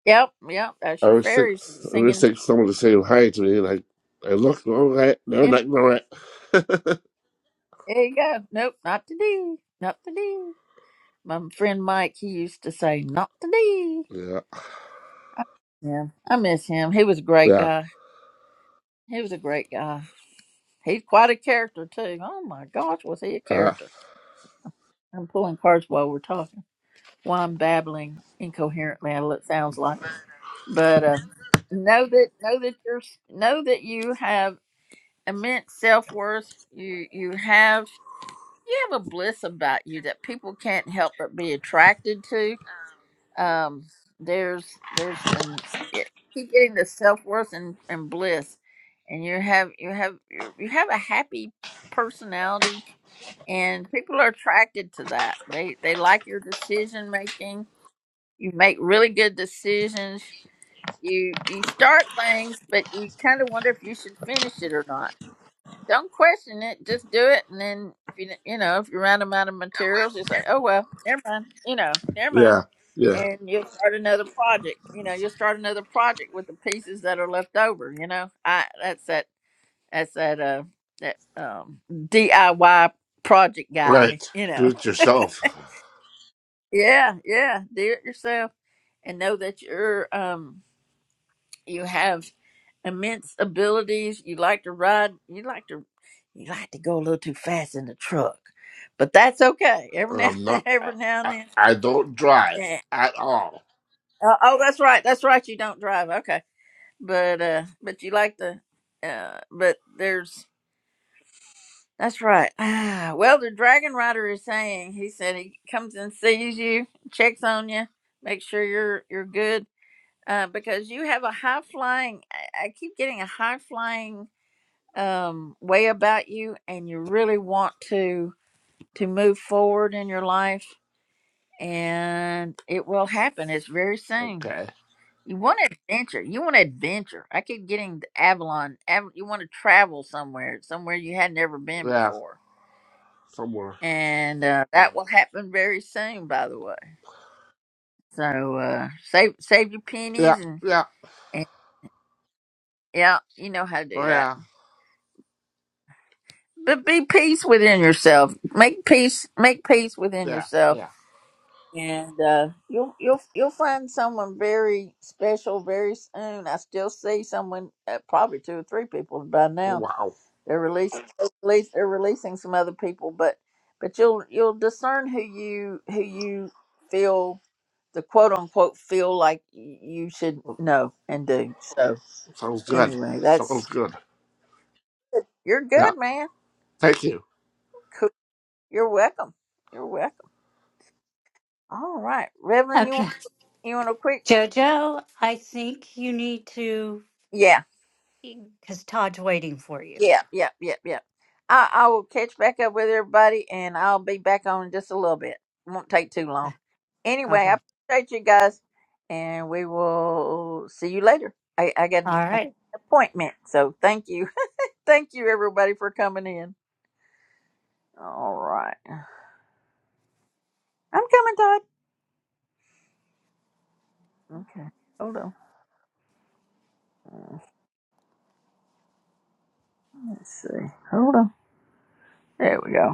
Yep, yep, that's
I
your
was think,
fairies
I was
singing.
think someone to say hi to me, like, I look, all right, they're
Yeah,
like, all right. (laughs)
there you go. Nope, not today. Not today. My friend Mike, he used to say, "Not today."
yeah,
I miss him. I miss him. He was a great
yeah,
guy. He was a great guy. He's quite a character too. Oh my gosh, was he a
uh,
character? I'm pulling cards while we're talking. While I'm babbling incoherently, I- it sounds like. But uh, know that know that you're know that you have immense self worth. You you have you have a bliss about you that people can't help but be attracted to Um, there's there's an it- keep getting the self worth and, and bliss, and you have you have you you have a happy personality, and people are attracted to that. They they like your decision making. You make really good decisions. You you start things, but you kind of wonder if you should finish it or not don't question it. Just do it, and then if you you know if you run them out of materials, you say, "Oh well, never mind." You know, never mind,
yeah, yeah.
and you'll start another project. You know, you'll start another project with the pieces that are left over. You know, I that's that that's that uh that um DIY project guy.
Right,
(laughs) You
do
know,
it yourself.
yeah, yeah, do it yourself, and know that you're um you have. immense abilities. You like to ride. You like to you like to go a little too fast in the truck, but that's okay. Every now
I'm
(laughs)
not, I,
every now and
I,
then.
I don't drive
Yeah.
at all.
Uh, oh, that's right. That's right. You don't drive. Okay, but uh, but you like to. Uh, but there's that's right. Ah, well, the dragon rider is saying he said he comes and sees you, checks on you, makes sure you're you're good. Uh, because you have a high flying, I I keep getting a high flying um, way about you and you really want to to move forward in your life and it will happen it's very soon
Okay,
you want adventure you want adventure i keep getting the avalon Av- you want to travel somewhere somewhere you had never been
yeah,
before
somewhere.
and uh, that will happen very soon by the way so uh, save save your
Yeah,
pennies and,
yeah.
and yeah you know how to do
Oh
that
yeah,
but be peace within yourself make peace make peace within
yeah,
yourself
yeah.
and uh, you'll you'll you'll find someone very special very soon. I still see someone, uh, probably two or three people by
Oh
now.
wow,
They're releasing they're releas- they're releasing some other people, but but you'll you'll discern who you who you feel the quote unquote feel like y- you should
Oh,
know and do. So
sounds good.
anyway,
Sounds
that's
good.
you're good,
Yeah,
man.
thank you.
Cool. You're welcome. You're welcome. All right, Reverend, you want
Okay.
you want a quick?
Jojo, I think you need to,
Yeah.
because Todd's waiting for you.
Yeah, yeah, yeah, yeah. I, I will catch back up with everybody and I'll be back on in just a little bit. Won't take too long.
Ah,
Anyway,
Okay.
I appreciate you guys and we will see you later. I, I got an
All right.
appointment, so thank you. (laughs) thank you everybody for coming in. All right. I'm coming, Todd. Okay. Hold on. Let's see. Hold on. There we go.